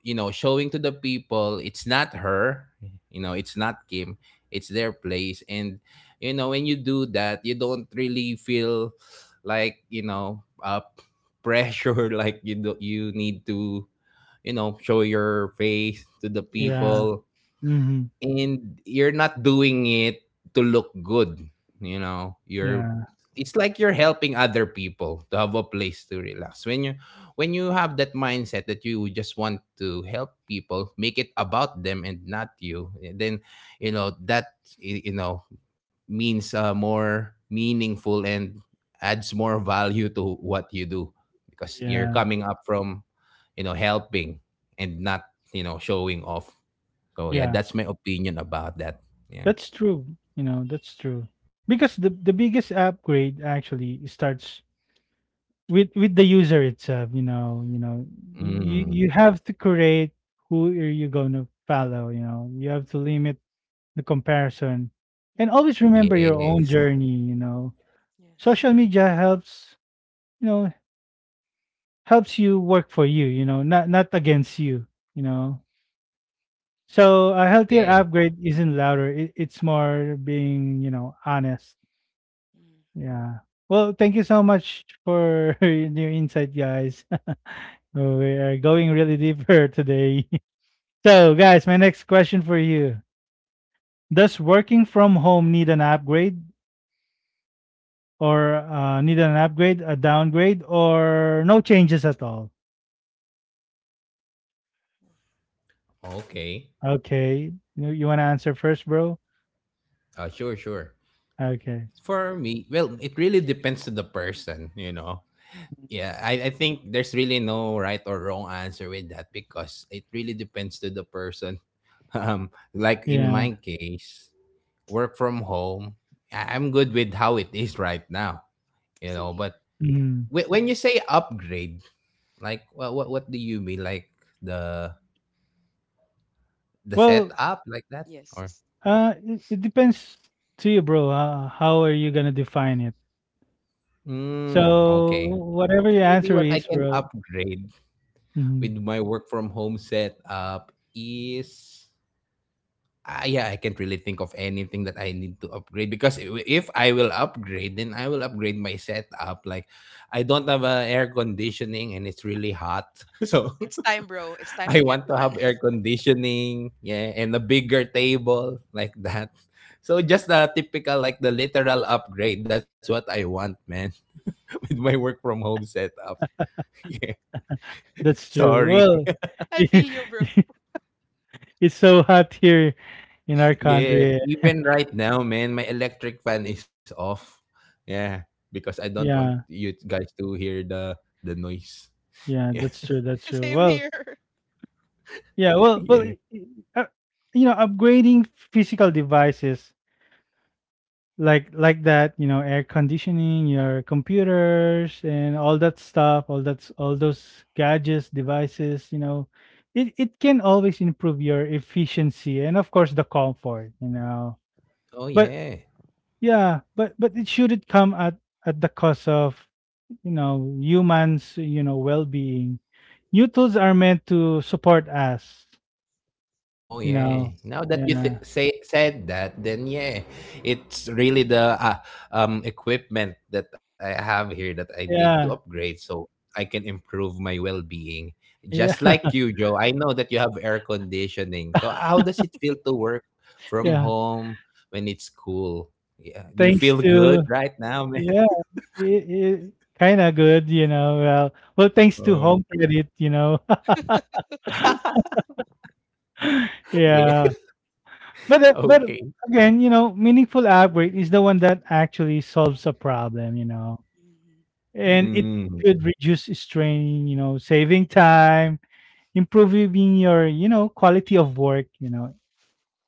[SPEAKER 2] you know, showing to the people it's not her, you know, it's not Kim, it's their place. And you know when you do that, you don't really feel like, you know uh, pressure like you do. You need to, you know show your face to the
[SPEAKER 3] Yes.
[SPEAKER 1] yeah,
[SPEAKER 2] people,
[SPEAKER 1] hmm,
[SPEAKER 2] and you're not doing it to look good you know you're
[SPEAKER 1] yeah,
[SPEAKER 2] It's like you're helping other people to have a place to relax, when you when you have that mindset that you just want to help people, make it about them and not you. Eh, then, you know that y- you know means, uh, more meaningful, and adds more value to what you do, because you're
[SPEAKER 1] yeah,
[SPEAKER 2] coming up from, you know helping, and not, you know showing off. So yeah,
[SPEAKER 1] yeah.
[SPEAKER 2] that's my opinion about that. Yeah.
[SPEAKER 1] That's true. You know, that's true. Because the the biggest upgrade actually starts with with the user itself, you know, you
[SPEAKER 3] Hmm.
[SPEAKER 1] know, you
[SPEAKER 2] Mm,
[SPEAKER 1] you have to create who are you going to follow, you know. You have to limit the comparison and
[SPEAKER 3] Hmm.
[SPEAKER 1] always remember your own
[SPEAKER 2] yes.
[SPEAKER 1] journey, you know.
[SPEAKER 3] Yes.
[SPEAKER 1] Social media helps, you know, helps you work for you, you know, not not against you, you know. So a healthier
[SPEAKER 2] Yeah.
[SPEAKER 1] upgrade isn't louder, it, it's more being, you know, honest.
[SPEAKER 3] Mm.
[SPEAKER 1] Yeah. Well, thank you so much for your insight, guys. Oh, we are going really deeper today. So, guys, my next question for you: does working from home need an upgrade, or uh, need an upgrade, a downgrade, or no changes at all?
[SPEAKER 2] Okay.
[SPEAKER 1] Okay, you, you want to answer first, bro?
[SPEAKER 2] Uh, sure, sure.
[SPEAKER 1] Okay.
[SPEAKER 2] For me, well, it really depends to the person, you know. Yeah, I, I think there's really no right or wrong answer with that because it really depends to the person. Um, like in
[SPEAKER 1] Yeah.
[SPEAKER 2] my case, work from home, I- I'm good with how it is right now, you
[SPEAKER 3] Same
[SPEAKER 2] know.
[SPEAKER 3] here.
[SPEAKER 2] But
[SPEAKER 1] Mm.
[SPEAKER 2] whe- when you say upgrade, like, well, what what do you mean? Like the the
[SPEAKER 1] Well,
[SPEAKER 2] setup like that
[SPEAKER 3] Yes.
[SPEAKER 2] or
[SPEAKER 3] It's
[SPEAKER 1] uh, it, it depends to you, bro. Uh, how are you gonna define it?
[SPEAKER 2] mm,
[SPEAKER 1] So
[SPEAKER 2] okay,
[SPEAKER 1] whatever your
[SPEAKER 2] maybe
[SPEAKER 1] answer
[SPEAKER 2] what I
[SPEAKER 1] is,
[SPEAKER 2] can
[SPEAKER 1] bro,
[SPEAKER 2] upgrade with
[SPEAKER 1] mhm,
[SPEAKER 2] my work from home setup is ah yeah I can't really think of anything that I need to upgrade because i- if I will upgrade then I will upgrade my setup like I don't have uh, air conditioning and it's really hot so
[SPEAKER 3] it's time, bro. It's time
[SPEAKER 2] I
[SPEAKER 3] to get
[SPEAKER 2] want to
[SPEAKER 3] one.
[SPEAKER 2] have air conditioning, yeah, and a bigger table like that, so just the typical, like the literal upgrade, that's what I want, man. With my work from home setup. Yeah.
[SPEAKER 1] that's true.
[SPEAKER 2] Sorry.
[SPEAKER 1] Well,
[SPEAKER 3] I feel you, bro.
[SPEAKER 1] it's so hot here in our
[SPEAKER 2] Yeah.
[SPEAKER 1] country.
[SPEAKER 2] Even right now, man, my electric fan is off. Yeah. Because I don't want
[SPEAKER 1] Yeah,
[SPEAKER 2] you guys to hear the the noise.
[SPEAKER 1] yeah,
[SPEAKER 2] Yeah.
[SPEAKER 1] that's true. That's true.
[SPEAKER 3] Same
[SPEAKER 1] Well,
[SPEAKER 3] here.
[SPEAKER 1] yeah, well, well,
[SPEAKER 2] Yeah.
[SPEAKER 1] i- i- uh, you know, upgrading physical devices like like that, you know, air conditioning, your computers, and all that stuff, all that's all those gadgets, devices, you know, it it can always improve your efficiency and of course the comfort, you
[SPEAKER 3] Mm,
[SPEAKER 1] know.
[SPEAKER 2] Oh
[SPEAKER 1] But
[SPEAKER 2] yeah.
[SPEAKER 1] yeah, but but it shouldn't come at at the cost of, you know, humans, you know, well-being. New tools are meant to support us.
[SPEAKER 2] Oh
[SPEAKER 1] You
[SPEAKER 3] yeah.
[SPEAKER 1] know.
[SPEAKER 2] yeah. Now that you
[SPEAKER 1] Yeah.
[SPEAKER 2] th- say said that, then yeah, it's really the uh, um equipment that I have here that I need to
[SPEAKER 1] Yeah.
[SPEAKER 2] upgrade so I can improve my well-being. Just
[SPEAKER 1] Yeah.
[SPEAKER 2] like you, Joe, I know that you have air conditioning. So how does it feel to work from
[SPEAKER 1] Yeah.
[SPEAKER 2] home when it's cool? Yeah. Do you
[SPEAKER 1] Thanks
[SPEAKER 2] feel good
[SPEAKER 1] to
[SPEAKER 2] right now, man?
[SPEAKER 1] yeah, it, it kind of good. You know. Well, well, thanks to Home
[SPEAKER 2] Oh.
[SPEAKER 1] Credit. You know.
[SPEAKER 2] Yeah.
[SPEAKER 1] Yeah. But uh, but
[SPEAKER 2] Okay.
[SPEAKER 1] again, you know, meaningful upgrade is the one that actually solves a problem. You know.
[SPEAKER 3] Mm-hmm.
[SPEAKER 1] And it
[SPEAKER 2] Mm.
[SPEAKER 1] could reduce strain, you know, saving time, improving your, you know, quality of work, you know.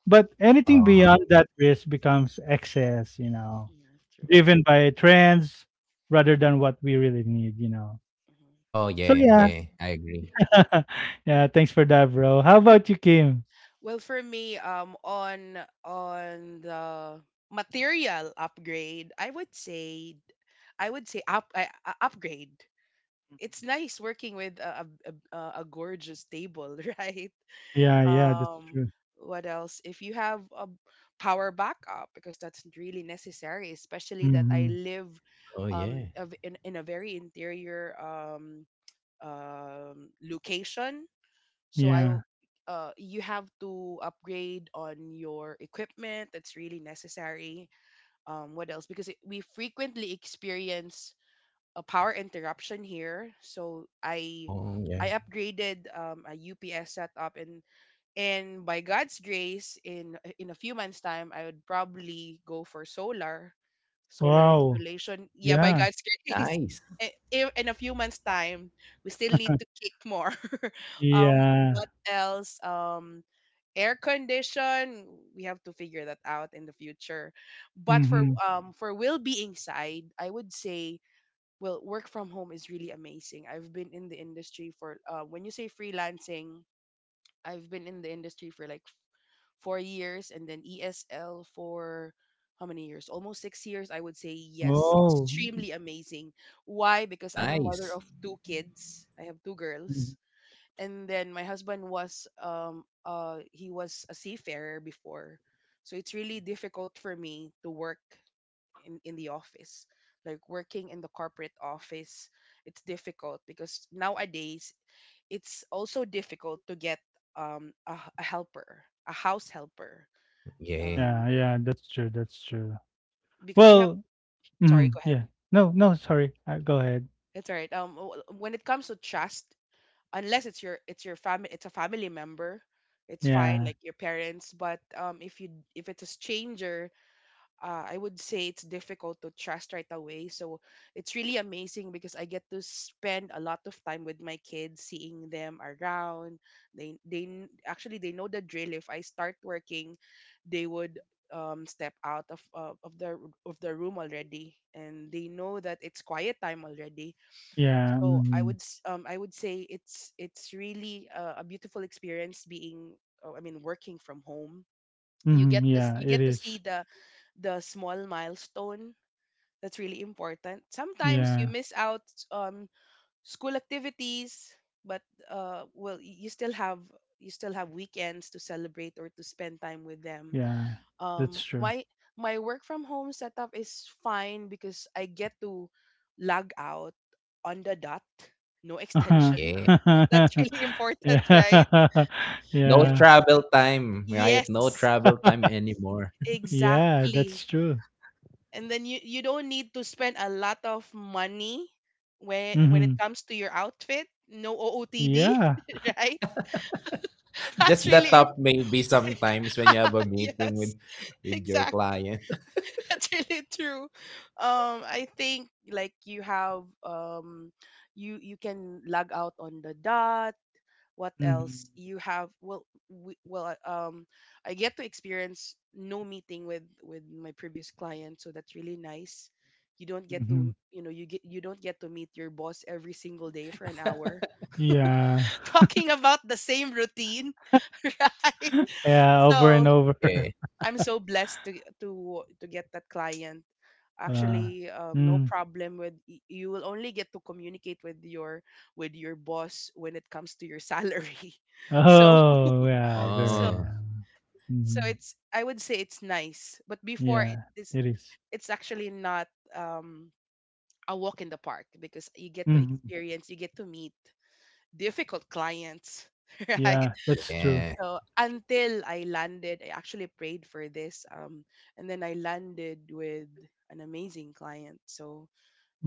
[SPEAKER 1] But anything
[SPEAKER 2] Uh-huh.
[SPEAKER 1] beyond that risk becomes excess, you know,
[SPEAKER 3] Yeah, true.
[SPEAKER 1] driven by trends rather than what we really need, you know.
[SPEAKER 3] Mhm.
[SPEAKER 2] Oh
[SPEAKER 1] So
[SPEAKER 2] yeah,
[SPEAKER 1] yeah.
[SPEAKER 2] yeah, I agree.
[SPEAKER 1] Yeah, thanks for that, bro. How about you, Kim?
[SPEAKER 3] Well, for me, um, on on the material upgrade, I would say, I would say up I, I- upgrade. It's nice working with a a, a, a a gorgeous table, right?
[SPEAKER 1] Yeah, yeah, that's
[SPEAKER 3] um
[SPEAKER 1] true.
[SPEAKER 3] what else? If you have a power backup, because that's really necessary, especially that I
[SPEAKER 1] Hmm.
[SPEAKER 3] live
[SPEAKER 2] Oh yeah.
[SPEAKER 3] um of, in, in a very interior um um location. So i w-
[SPEAKER 1] Yeah.
[SPEAKER 3] uh, you have to upgrade on your equipment. That's really necessary. Um what else? Because it, we frequently experience a power interruption here, so i
[SPEAKER 2] Oh yeah.
[SPEAKER 3] i upgraded um, a U P S setup, and and by God's grace, in uh, in a few months' time I would probably go for solar solar
[SPEAKER 1] Wow.
[SPEAKER 3] installation. Yeah, by
[SPEAKER 1] Yeah.
[SPEAKER 3] God's grace.
[SPEAKER 2] Nice.
[SPEAKER 3] I- i- in a few months' time, we still need to kick more. um
[SPEAKER 1] Yeah.
[SPEAKER 3] what else? Um air condition, we have to figure that out in the future. But for
[SPEAKER 1] Hmm.
[SPEAKER 3] um for will being side, I would say, well, work from home is really amazing. I've been in the industry for, uh, when you say freelancing, I've been in the industry for like four years, and then E S L for how many years? Almost six years, I would say. Yes.
[SPEAKER 1] Oh.
[SPEAKER 3] Extremely amazing. Why? Because I'm a mother
[SPEAKER 2] Nice.
[SPEAKER 3] of two kids. I have two girls.
[SPEAKER 1] Mhm.
[SPEAKER 3] And then my husband was um uh he was a seafarer before. So it's really difficult for me to work in, in the office. Like working in the corporate office, it's difficult because nowadays it's also difficult to get um, a a helper, a house helper
[SPEAKER 2] Yeah.
[SPEAKER 3] um,
[SPEAKER 1] Yeah, yeah, that's true. That's true.
[SPEAKER 3] because you have
[SPEAKER 1] Well,
[SPEAKER 3] sorry
[SPEAKER 1] mhm,
[SPEAKER 3] go ahead.
[SPEAKER 1] yeah. No, no, sorry. Uh, go ahead.
[SPEAKER 3] It's all right. Um w- when it comes to trust, unless it's your it's your family, it's a family member, it's fine,
[SPEAKER 1] Yeah,
[SPEAKER 3] like your parents. But um if you if it's a stranger, uh, I would say it's difficult to trust right away. So it's really amazing because I get to spend a lot of time with my kids, seeing them around. They they kn- actually they know the drill. If I start working, they would um, step out of uh, of the of the room already, and they know that it's quiet time already.
[SPEAKER 1] yeah,
[SPEAKER 3] So I
[SPEAKER 1] mhm,
[SPEAKER 3] would s- um I would say it's it's really a, a beautiful experience being uh, I mean working from home. You
[SPEAKER 1] mhm,
[SPEAKER 3] get this
[SPEAKER 1] yeah,
[SPEAKER 3] you
[SPEAKER 1] it
[SPEAKER 3] get to see
[SPEAKER 1] is.
[SPEAKER 3] the the small milestone that's really important. Sometimes you
[SPEAKER 1] Yeah,
[SPEAKER 3] miss out um school activities, but uh, well, y- you still have you still have weekends to celebrate or to spend time with them.
[SPEAKER 1] yeah, that's
[SPEAKER 3] Um,
[SPEAKER 1] true.
[SPEAKER 3] my my work from home setup is fine because I get to log out on the dot, no extension.
[SPEAKER 2] Yeah.
[SPEAKER 1] Uh-huh.
[SPEAKER 3] That's really important, right?
[SPEAKER 1] Yeah,
[SPEAKER 2] No
[SPEAKER 3] It's,
[SPEAKER 1] yeah,
[SPEAKER 2] travel time, right? No
[SPEAKER 3] yes,
[SPEAKER 2] travel time
[SPEAKER 3] e-
[SPEAKER 2] anymore.
[SPEAKER 1] yeah,
[SPEAKER 3] exactly.
[SPEAKER 1] that's true.
[SPEAKER 3] And then you you don't need to spend a lot of money when when it
[SPEAKER 1] Mhm,
[SPEAKER 3] comes to your outfit. No OOTD.
[SPEAKER 1] yeah,
[SPEAKER 3] Right? that's
[SPEAKER 2] Just the
[SPEAKER 3] really im-
[SPEAKER 2] top maybe sometimes when you have a meeting
[SPEAKER 3] yes,
[SPEAKER 2] with with your
[SPEAKER 3] exact.
[SPEAKER 2] client.
[SPEAKER 3] That's really true. um I think, like, you have um you you can log out on the dot. What else
[SPEAKER 1] mhm,
[SPEAKER 3] you have? Well, we, well uh, um I get to experience no meeting with with my previous client, so that's really nice. You don't get
[SPEAKER 1] mhm,
[SPEAKER 3] to, you know, you get you don't get to meet your boss every single day for an hour.
[SPEAKER 1] yeah,
[SPEAKER 3] Talking about the same routine. Right?
[SPEAKER 1] yeah, over and
[SPEAKER 3] So
[SPEAKER 1] over.
[SPEAKER 2] Yeah.
[SPEAKER 3] I'm so blessed to to to get that client.
[SPEAKER 1] Uh,
[SPEAKER 3] Actually, um, no
[SPEAKER 1] mm.
[SPEAKER 3] problem with y- you. Will only get to communicate with your with your boss when it comes to your salary. so
[SPEAKER 1] Oh, yeah,
[SPEAKER 3] so
[SPEAKER 1] very,
[SPEAKER 2] Oh,
[SPEAKER 1] um,
[SPEAKER 3] so
[SPEAKER 1] mhm,
[SPEAKER 3] it's, I would say it's nice, but before it
[SPEAKER 1] yeah,
[SPEAKER 3] is,
[SPEAKER 1] it is.
[SPEAKER 3] it's actually not um a walk in the park because you get to
[SPEAKER 1] Mhm,
[SPEAKER 3] experience, you get to meet difficult clients, right?
[SPEAKER 1] yeah, that's true.
[SPEAKER 2] yeah.
[SPEAKER 3] So until I landed, I actually prayed for this, um and then I landed with an amazing client. So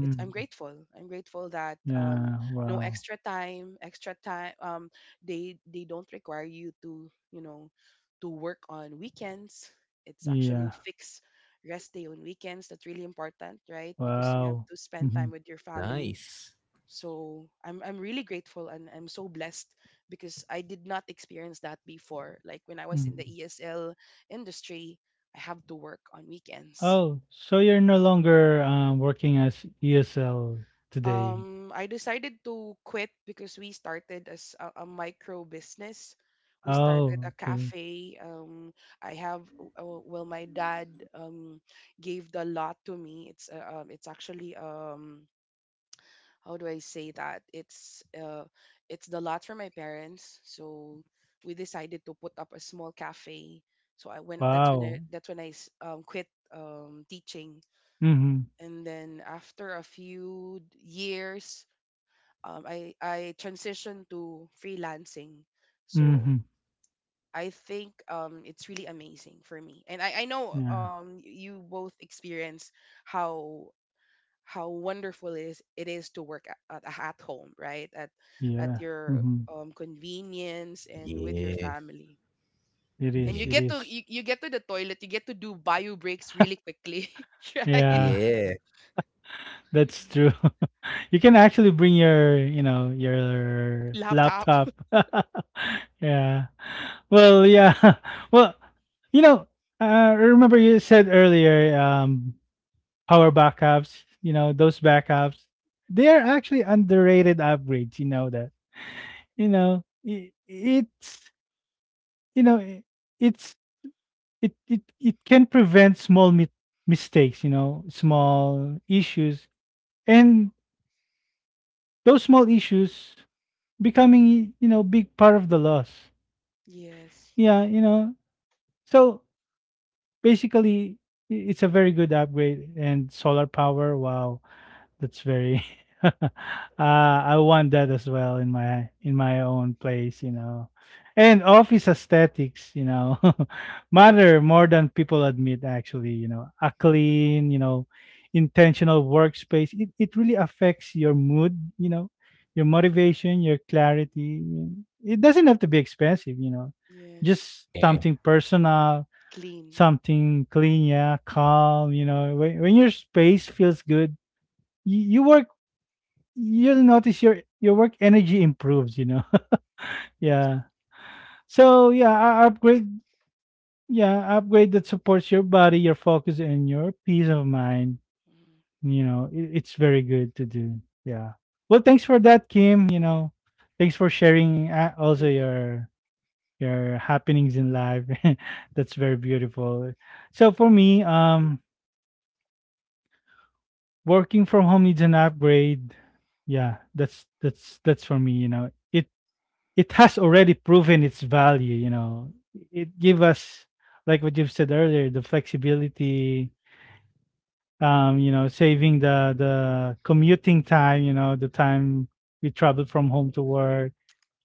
[SPEAKER 3] it, I'm grateful. I'm grateful that, um,
[SPEAKER 1] Yeah,
[SPEAKER 3] no
[SPEAKER 1] wow.
[SPEAKER 3] extra time, extra time. Um, they they don't require you to, you know, to work on weekends. It's actually
[SPEAKER 1] Yeah,
[SPEAKER 3] fixed rest day on weekends. That's really important, right? Because you have
[SPEAKER 1] wow.
[SPEAKER 3] to spend time
[SPEAKER 1] Mhm,
[SPEAKER 3] with your family.
[SPEAKER 2] Nice.
[SPEAKER 3] So I'm I'm really grateful and I'm so blessed because I did not experience that before. Like when I was in the
[SPEAKER 1] mhm.
[SPEAKER 3] E S L industry, I have to work on weekends.
[SPEAKER 1] Oh, so you're no longer, um, working as E S L today.
[SPEAKER 3] um I decided to quit because we started as a, a micro business. We started a
[SPEAKER 1] Oh, okay.
[SPEAKER 3] cafe. Um, I have uh, well, my dad um gave the lot to me. It's uh, um, it's actually um how do I say that? It's uh it's the lot for my parents. So we decided to put up a small cafe. So I went. That's when I
[SPEAKER 1] Wow.
[SPEAKER 3] that's when I s- um quit um teaching.
[SPEAKER 1] Mhm,
[SPEAKER 3] And then after a few years, um, I I transitioned to freelancing. So
[SPEAKER 1] mhm.
[SPEAKER 3] I think, um, it's really amazing for me, and I I know,
[SPEAKER 1] Yeah,
[SPEAKER 3] um, you both experience how how wonderful it is it is to work at, at, at home, right? At at
[SPEAKER 1] yeah,
[SPEAKER 3] your
[SPEAKER 1] mhm.
[SPEAKER 3] um, convenience and with your
[SPEAKER 2] Yeah.
[SPEAKER 3] family.
[SPEAKER 1] It
[SPEAKER 3] And
[SPEAKER 1] is,
[SPEAKER 3] you
[SPEAKER 2] Yeah.
[SPEAKER 1] it
[SPEAKER 3] get to
[SPEAKER 1] is.
[SPEAKER 3] you, you get to the toilet, you get to do bio breaks really quickly, right?
[SPEAKER 1] Yeah,
[SPEAKER 2] Yeah.
[SPEAKER 1] that's true. You can actually bring your, you know, your
[SPEAKER 3] Laptop.
[SPEAKER 1] laptop. Yeah. Well, yeah. Well, you know, uh, remember you said earlier, um, power backups, you know, those backups, they are actually underrated upgrades, you know that. You know, i- it's you know, i- it's it it it can prevent small mi- mistakes, you know,
[SPEAKER 3] Mhm.
[SPEAKER 1] small issues, and those small issues becoming, you know, big part of the loss.
[SPEAKER 3] Yes.
[SPEAKER 1] Yeah, you know. So basically, i- it's a very good upgrade. And solar power, wow. That's very uh, I want that as well in my in my own place, you know. And office aesthetics, you know, matter more than people admit actually, you know. A clean, you know, intentional workspace, it, it really affects your mood, you know, your motivation, your clarity. It doesn't have to be expensive, you know.
[SPEAKER 3] Yes.
[SPEAKER 1] Just
[SPEAKER 2] Yeah.
[SPEAKER 1] something personal,
[SPEAKER 3] Clean.
[SPEAKER 1] something clean, yeah, calm, you know. When when your space feels good, you, you work, you'll notice your your work energy improves, you know.
[SPEAKER 3] It's
[SPEAKER 1] Yeah. So yeah, uh, upgrade yeah upgrade that supports your body, your focus and your peace of mind,
[SPEAKER 3] mm,
[SPEAKER 1] you know. It, it's very good to do. Yeah. Well, thanks for that, Kim, you know. Thanks for sharing, uh, also
[SPEAKER 3] you're welcome.
[SPEAKER 1] your your happenings in life, that's very beautiful. So for me, um working from home needs an upgrade. Yeah, that's that's that's for me, you know. It it has already proven its value, you know. It give us, like what you've said earlier, the flexibility, um you know, saving the the commuting time, you know, the time we travel from home to work,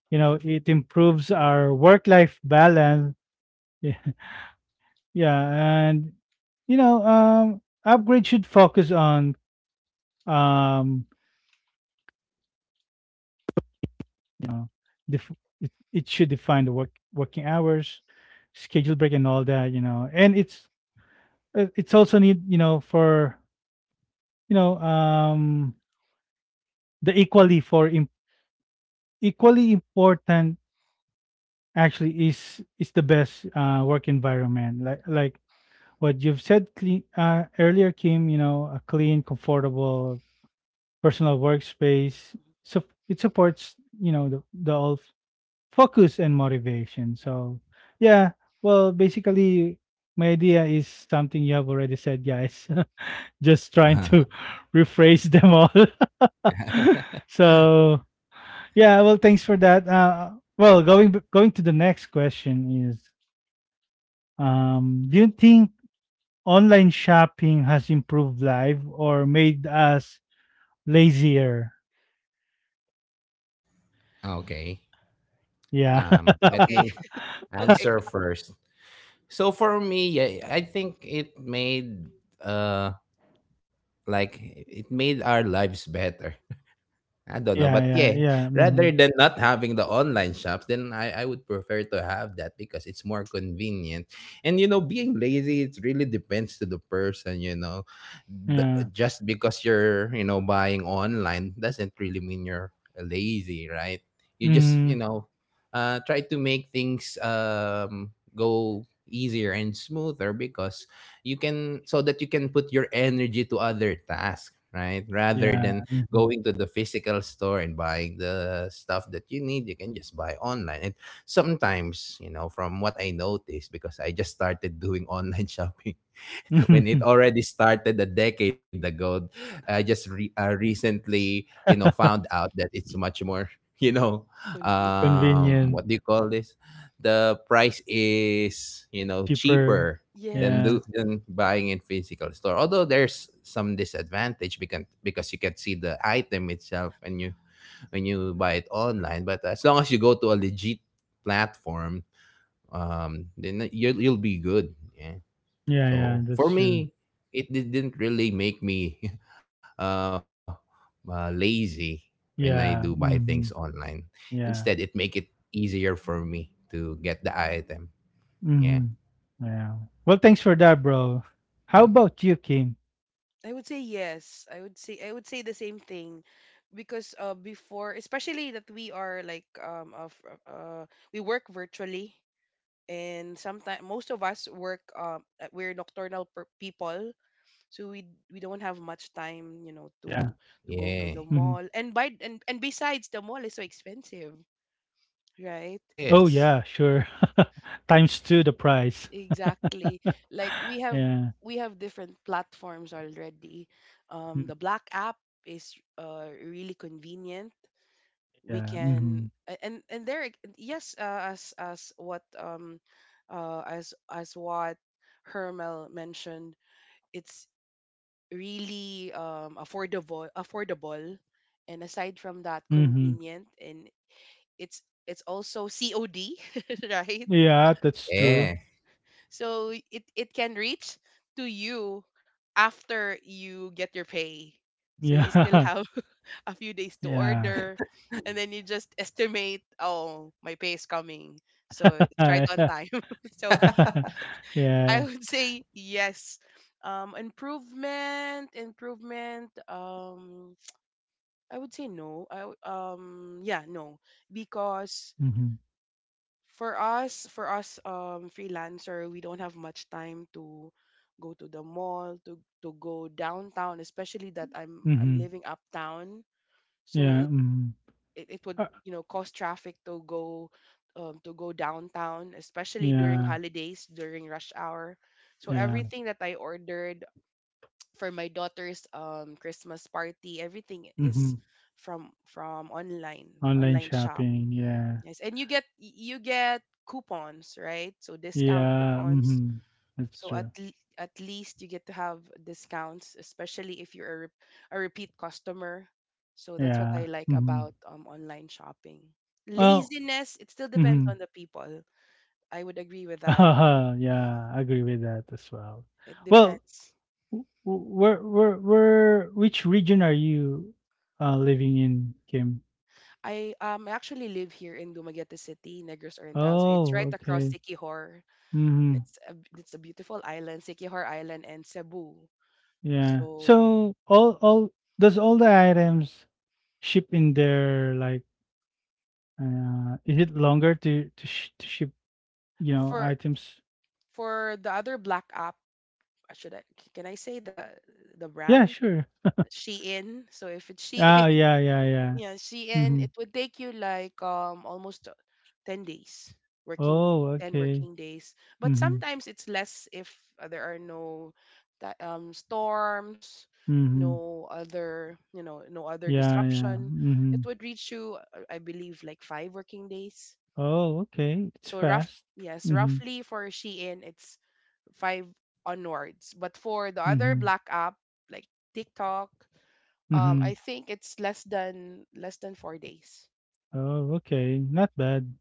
[SPEAKER 1] you know. It improves our work life balance. Yeah, yeah. And you know, um upgrade should focus on um you know def- it, it should define the work working hours, schedule, break and all that, you know. And it's uh, it's also need, you know, for you know um the equally for im- equally important actually is is the best uh work environment, like like what you've said clean, uh, earlier, Kim, you know, a clean, comfortable personal workspace, so it supports, you know, the, the all f- focus and motivation. So yeah. Well, basically, my idea is something you have already said, guys. Just trying to rephrase them all. So yeah, well, thanks for that, uh well, going b- going to the next question is, um do you think online shopping has improved life or made us lazier?
[SPEAKER 2] Okay.
[SPEAKER 1] Yeah.
[SPEAKER 3] Uh,
[SPEAKER 2] Um, let
[SPEAKER 3] okay,
[SPEAKER 2] me
[SPEAKER 3] okay,
[SPEAKER 2] answer first. So for me, yeah, I think it made uh like it made our lives better. I don't know,
[SPEAKER 1] Yeah,
[SPEAKER 2] but
[SPEAKER 1] yeah,
[SPEAKER 2] yeah,
[SPEAKER 1] yeah,
[SPEAKER 2] rather
[SPEAKER 1] mhm,
[SPEAKER 2] than not having the online shops, then I, I would prefer to have that because it's more convenient. And you know, being lazy, it really depends to the person. You know, the,
[SPEAKER 1] yeah,
[SPEAKER 2] just because you're, you know, buying online doesn't really mean you're lazy, right? You just, you
[SPEAKER 1] mhm,
[SPEAKER 2] know, uh, try to make things um go easier and smoother because you can, so that you can put your energy to other tasks, right? Rather
[SPEAKER 1] yeah,
[SPEAKER 2] than
[SPEAKER 1] mhm.
[SPEAKER 2] going to the physical store and buying the stuff that you need. You can just buy online. And sometimes, you know, from what I noticed, because I just started doing online shopping when it already started a decade ago. I just re- uh, recently, you know, found out that it's much more, you know,
[SPEAKER 3] convenient.
[SPEAKER 2] um,
[SPEAKER 1] Convenient.
[SPEAKER 2] what do you call this? The price is, you know,
[SPEAKER 1] Cheaper.
[SPEAKER 2] cheaper than
[SPEAKER 3] Yes.
[SPEAKER 1] Yeah,
[SPEAKER 2] do than buying in physical store. Although there's some disadvantage because because you can see the item itself when you when you buy it online. But as long as you go to a legit platform, um, then you'll you'll be good. Yeah.
[SPEAKER 1] yeah, yeah,
[SPEAKER 2] So
[SPEAKER 1] that's
[SPEAKER 2] for
[SPEAKER 1] true.
[SPEAKER 2] me, it didn't really make me uh, uh, lazy when I do buy
[SPEAKER 1] Yeah,
[SPEAKER 2] things
[SPEAKER 1] mhm,
[SPEAKER 2] online. Instead, it
[SPEAKER 1] yeah.
[SPEAKER 2] make it easier for me to get the item. Yeah.
[SPEAKER 1] Mhm. Yeah. Well, thanks for that, bro. How
[SPEAKER 2] Mm.
[SPEAKER 1] about you, Kim?
[SPEAKER 3] I would say yes. I would say I would say the same thing because uh before, especially that we are like um of uh we work virtually, and sometimes most of us work um uh, we're nocturnal per- people. So we we don't
[SPEAKER 1] Yeah.
[SPEAKER 3] have much time, you know, to
[SPEAKER 1] Mhm.
[SPEAKER 3] to go to
[SPEAKER 2] Yeah.
[SPEAKER 3] the mall and by. And, and besides, the mall is so expensive, right?
[SPEAKER 1] Oh, yeah,
[SPEAKER 2] Yes.
[SPEAKER 1] sure. Times two the price.
[SPEAKER 3] Exactly. Like we have
[SPEAKER 1] Yeah.
[SPEAKER 3] we have different platforms already. Um,
[SPEAKER 1] Mm,
[SPEAKER 3] the Black app is, uh, really convenient. We
[SPEAKER 1] Yeah.
[SPEAKER 3] can
[SPEAKER 1] Mhm.
[SPEAKER 3] a- and and there, yes, uh, as as what um uh as as what Hermel mentioned, it's really um affordable, affordable and aside from that,
[SPEAKER 1] Mhm.
[SPEAKER 3] convenient. And it's it's also C O D, right?
[SPEAKER 1] Yeah, that's true.
[SPEAKER 2] Yeah.
[SPEAKER 3] So it it can reach to you after you get your pay. So you still
[SPEAKER 1] Yeah.
[SPEAKER 3] have a few days to
[SPEAKER 1] Yeah.
[SPEAKER 3] order, and then you just estimate, oh, my pay is coming. So it's right on
[SPEAKER 1] Yeah.
[SPEAKER 3] time. So I
[SPEAKER 1] Yeah.
[SPEAKER 3] would say yes. Um improvement, improvement, um I would say no. I w- um yeah, no. Because
[SPEAKER 1] Mhm.
[SPEAKER 3] for us for us, um freelancer, we don't have much time to go to the mall, to to go downtown, especially that i'm I'm
[SPEAKER 1] Mhm.
[SPEAKER 3] living uptown. So
[SPEAKER 1] Yeah.
[SPEAKER 3] it
[SPEAKER 1] Mhm.
[SPEAKER 3] it, it would,
[SPEAKER 1] Uh,
[SPEAKER 3] you know, cause traffic to go, um, to go downtown, especially during
[SPEAKER 1] Yeah.
[SPEAKER 3] holidays, during rush hour. So
[SPEAKER 1] Yeah.
[SPEAKER 3] everything that I ordered for my daughter's um Christmas party, everything is
[SPEAKER 1] Mhm.
[SPEAKER 3] from from online,
[SPEAKER 1] Online
[SPEAKER 3] online shop.
[SPEAKER 1] shopping. Yeah.
[SPEAKER 3] Yes, and you get y- you get coupons, right? So discount
[SPEAKER 1] Yeah.
[SPEAKER 3] coupons.
[SPEAKER 1] Mhm. That's
[SPEAKER 3] So at
[SPEAKER 1] true.
[SPEAKER 3] l- at least you get to have discounts, especially if you're a, re- a repeat customer. So that's what I
[SPEAKER 1] Yeah.
[SPEAKER 3] like
[SPEAKER 1] Mhm.
[SPEAKER 3] about um online shopping.
[SPEAKER 1] Well
[SPEAKER 3] Laziness, it still depends
[SPEAKER 1] mhm.
[SPEAKER 3] on the people. I would agree with that.
[SPEAKER 1] Yeah, I agree with that as well.
[SPEAKER 3] It
[SPEAKER 1] Well,
[SPEAKER 3] depends.
[SPEAKER 1] w w where where where which region are you, uh, living in, Kim?
[SPEAKER 3] I, um I actually live here in Dumaguete City, Negros Oriental. So it's
[SPEAKER 1] Oh,
[SPEAKER 3] right across
[SPEAKER 1] okay.
[SPEAKER 3] Sikihor.
[SPEAKER 1] Mhm.
[SPEAKER 3] It's a, it's a beautiful island, Sikihor Island and Cebu.
[SPEAKER 1] Yeah.
[SPEAKER 3] So
[SPEAKER 1] So all all does all the items ship in there, like, uh is it longer to to sh to ship, you know,
[SPEAKER 3] for
[SPEAKER 1] items?
[SPEAKER 3] for the other black app, uh, should i c- can I say the the
[SPEAKER 1] Yeah,
[SPEAKER 3] brand?
[SPEAKER 1] sure.
[SPEAKER 3] Shein. So if it's Shein,
[SPEAKER 1] Ah, yeah, yeah, yeah.
[SPEAKER 3] yeah, Shein, it
[SPEAKER 1] Mhm.
[SPEAKER 3] would take you like um almost, uh, ten days, working
[SPEAKER 1] Oh,
[SPEAKER 3] ten
[SPEAKER 1] okay.
[SPEAKER 3] working days, but
[SPEAKER 1] Mhm.
[SPEAKER 3] sometimes it's less if uh, there are no ti- um storms,
[SPEAKER 1] Mhm.
[SPEAKER 3] no other, you know, no other
[SPEAKER 1] Yeah, yeah.
[SPEAKER 3] disruption. It
[SPEAKER 1] Mhm.
[SPEAKER 3] would reach you, uh, I believe like five working days.
[SPEAKER 1] Oh, okay. It's
[SPEAKER 3] So rough,
[SPEAKER 1] fast.
[SPEAKER 3] yes,
[SPEAKER 1] Mhm,
[SPEAKER 3] roughly for Shein, it's five onwards. But for the other
[SPEAKER 1] mhm,
[SPEAKER 3] black app like TikTok, um,
[SPEAKER 1] mhm.
[SPEAKER 3] I think it's less than less than four days.
[SPEAKER 1] Oh, okay. Not bad.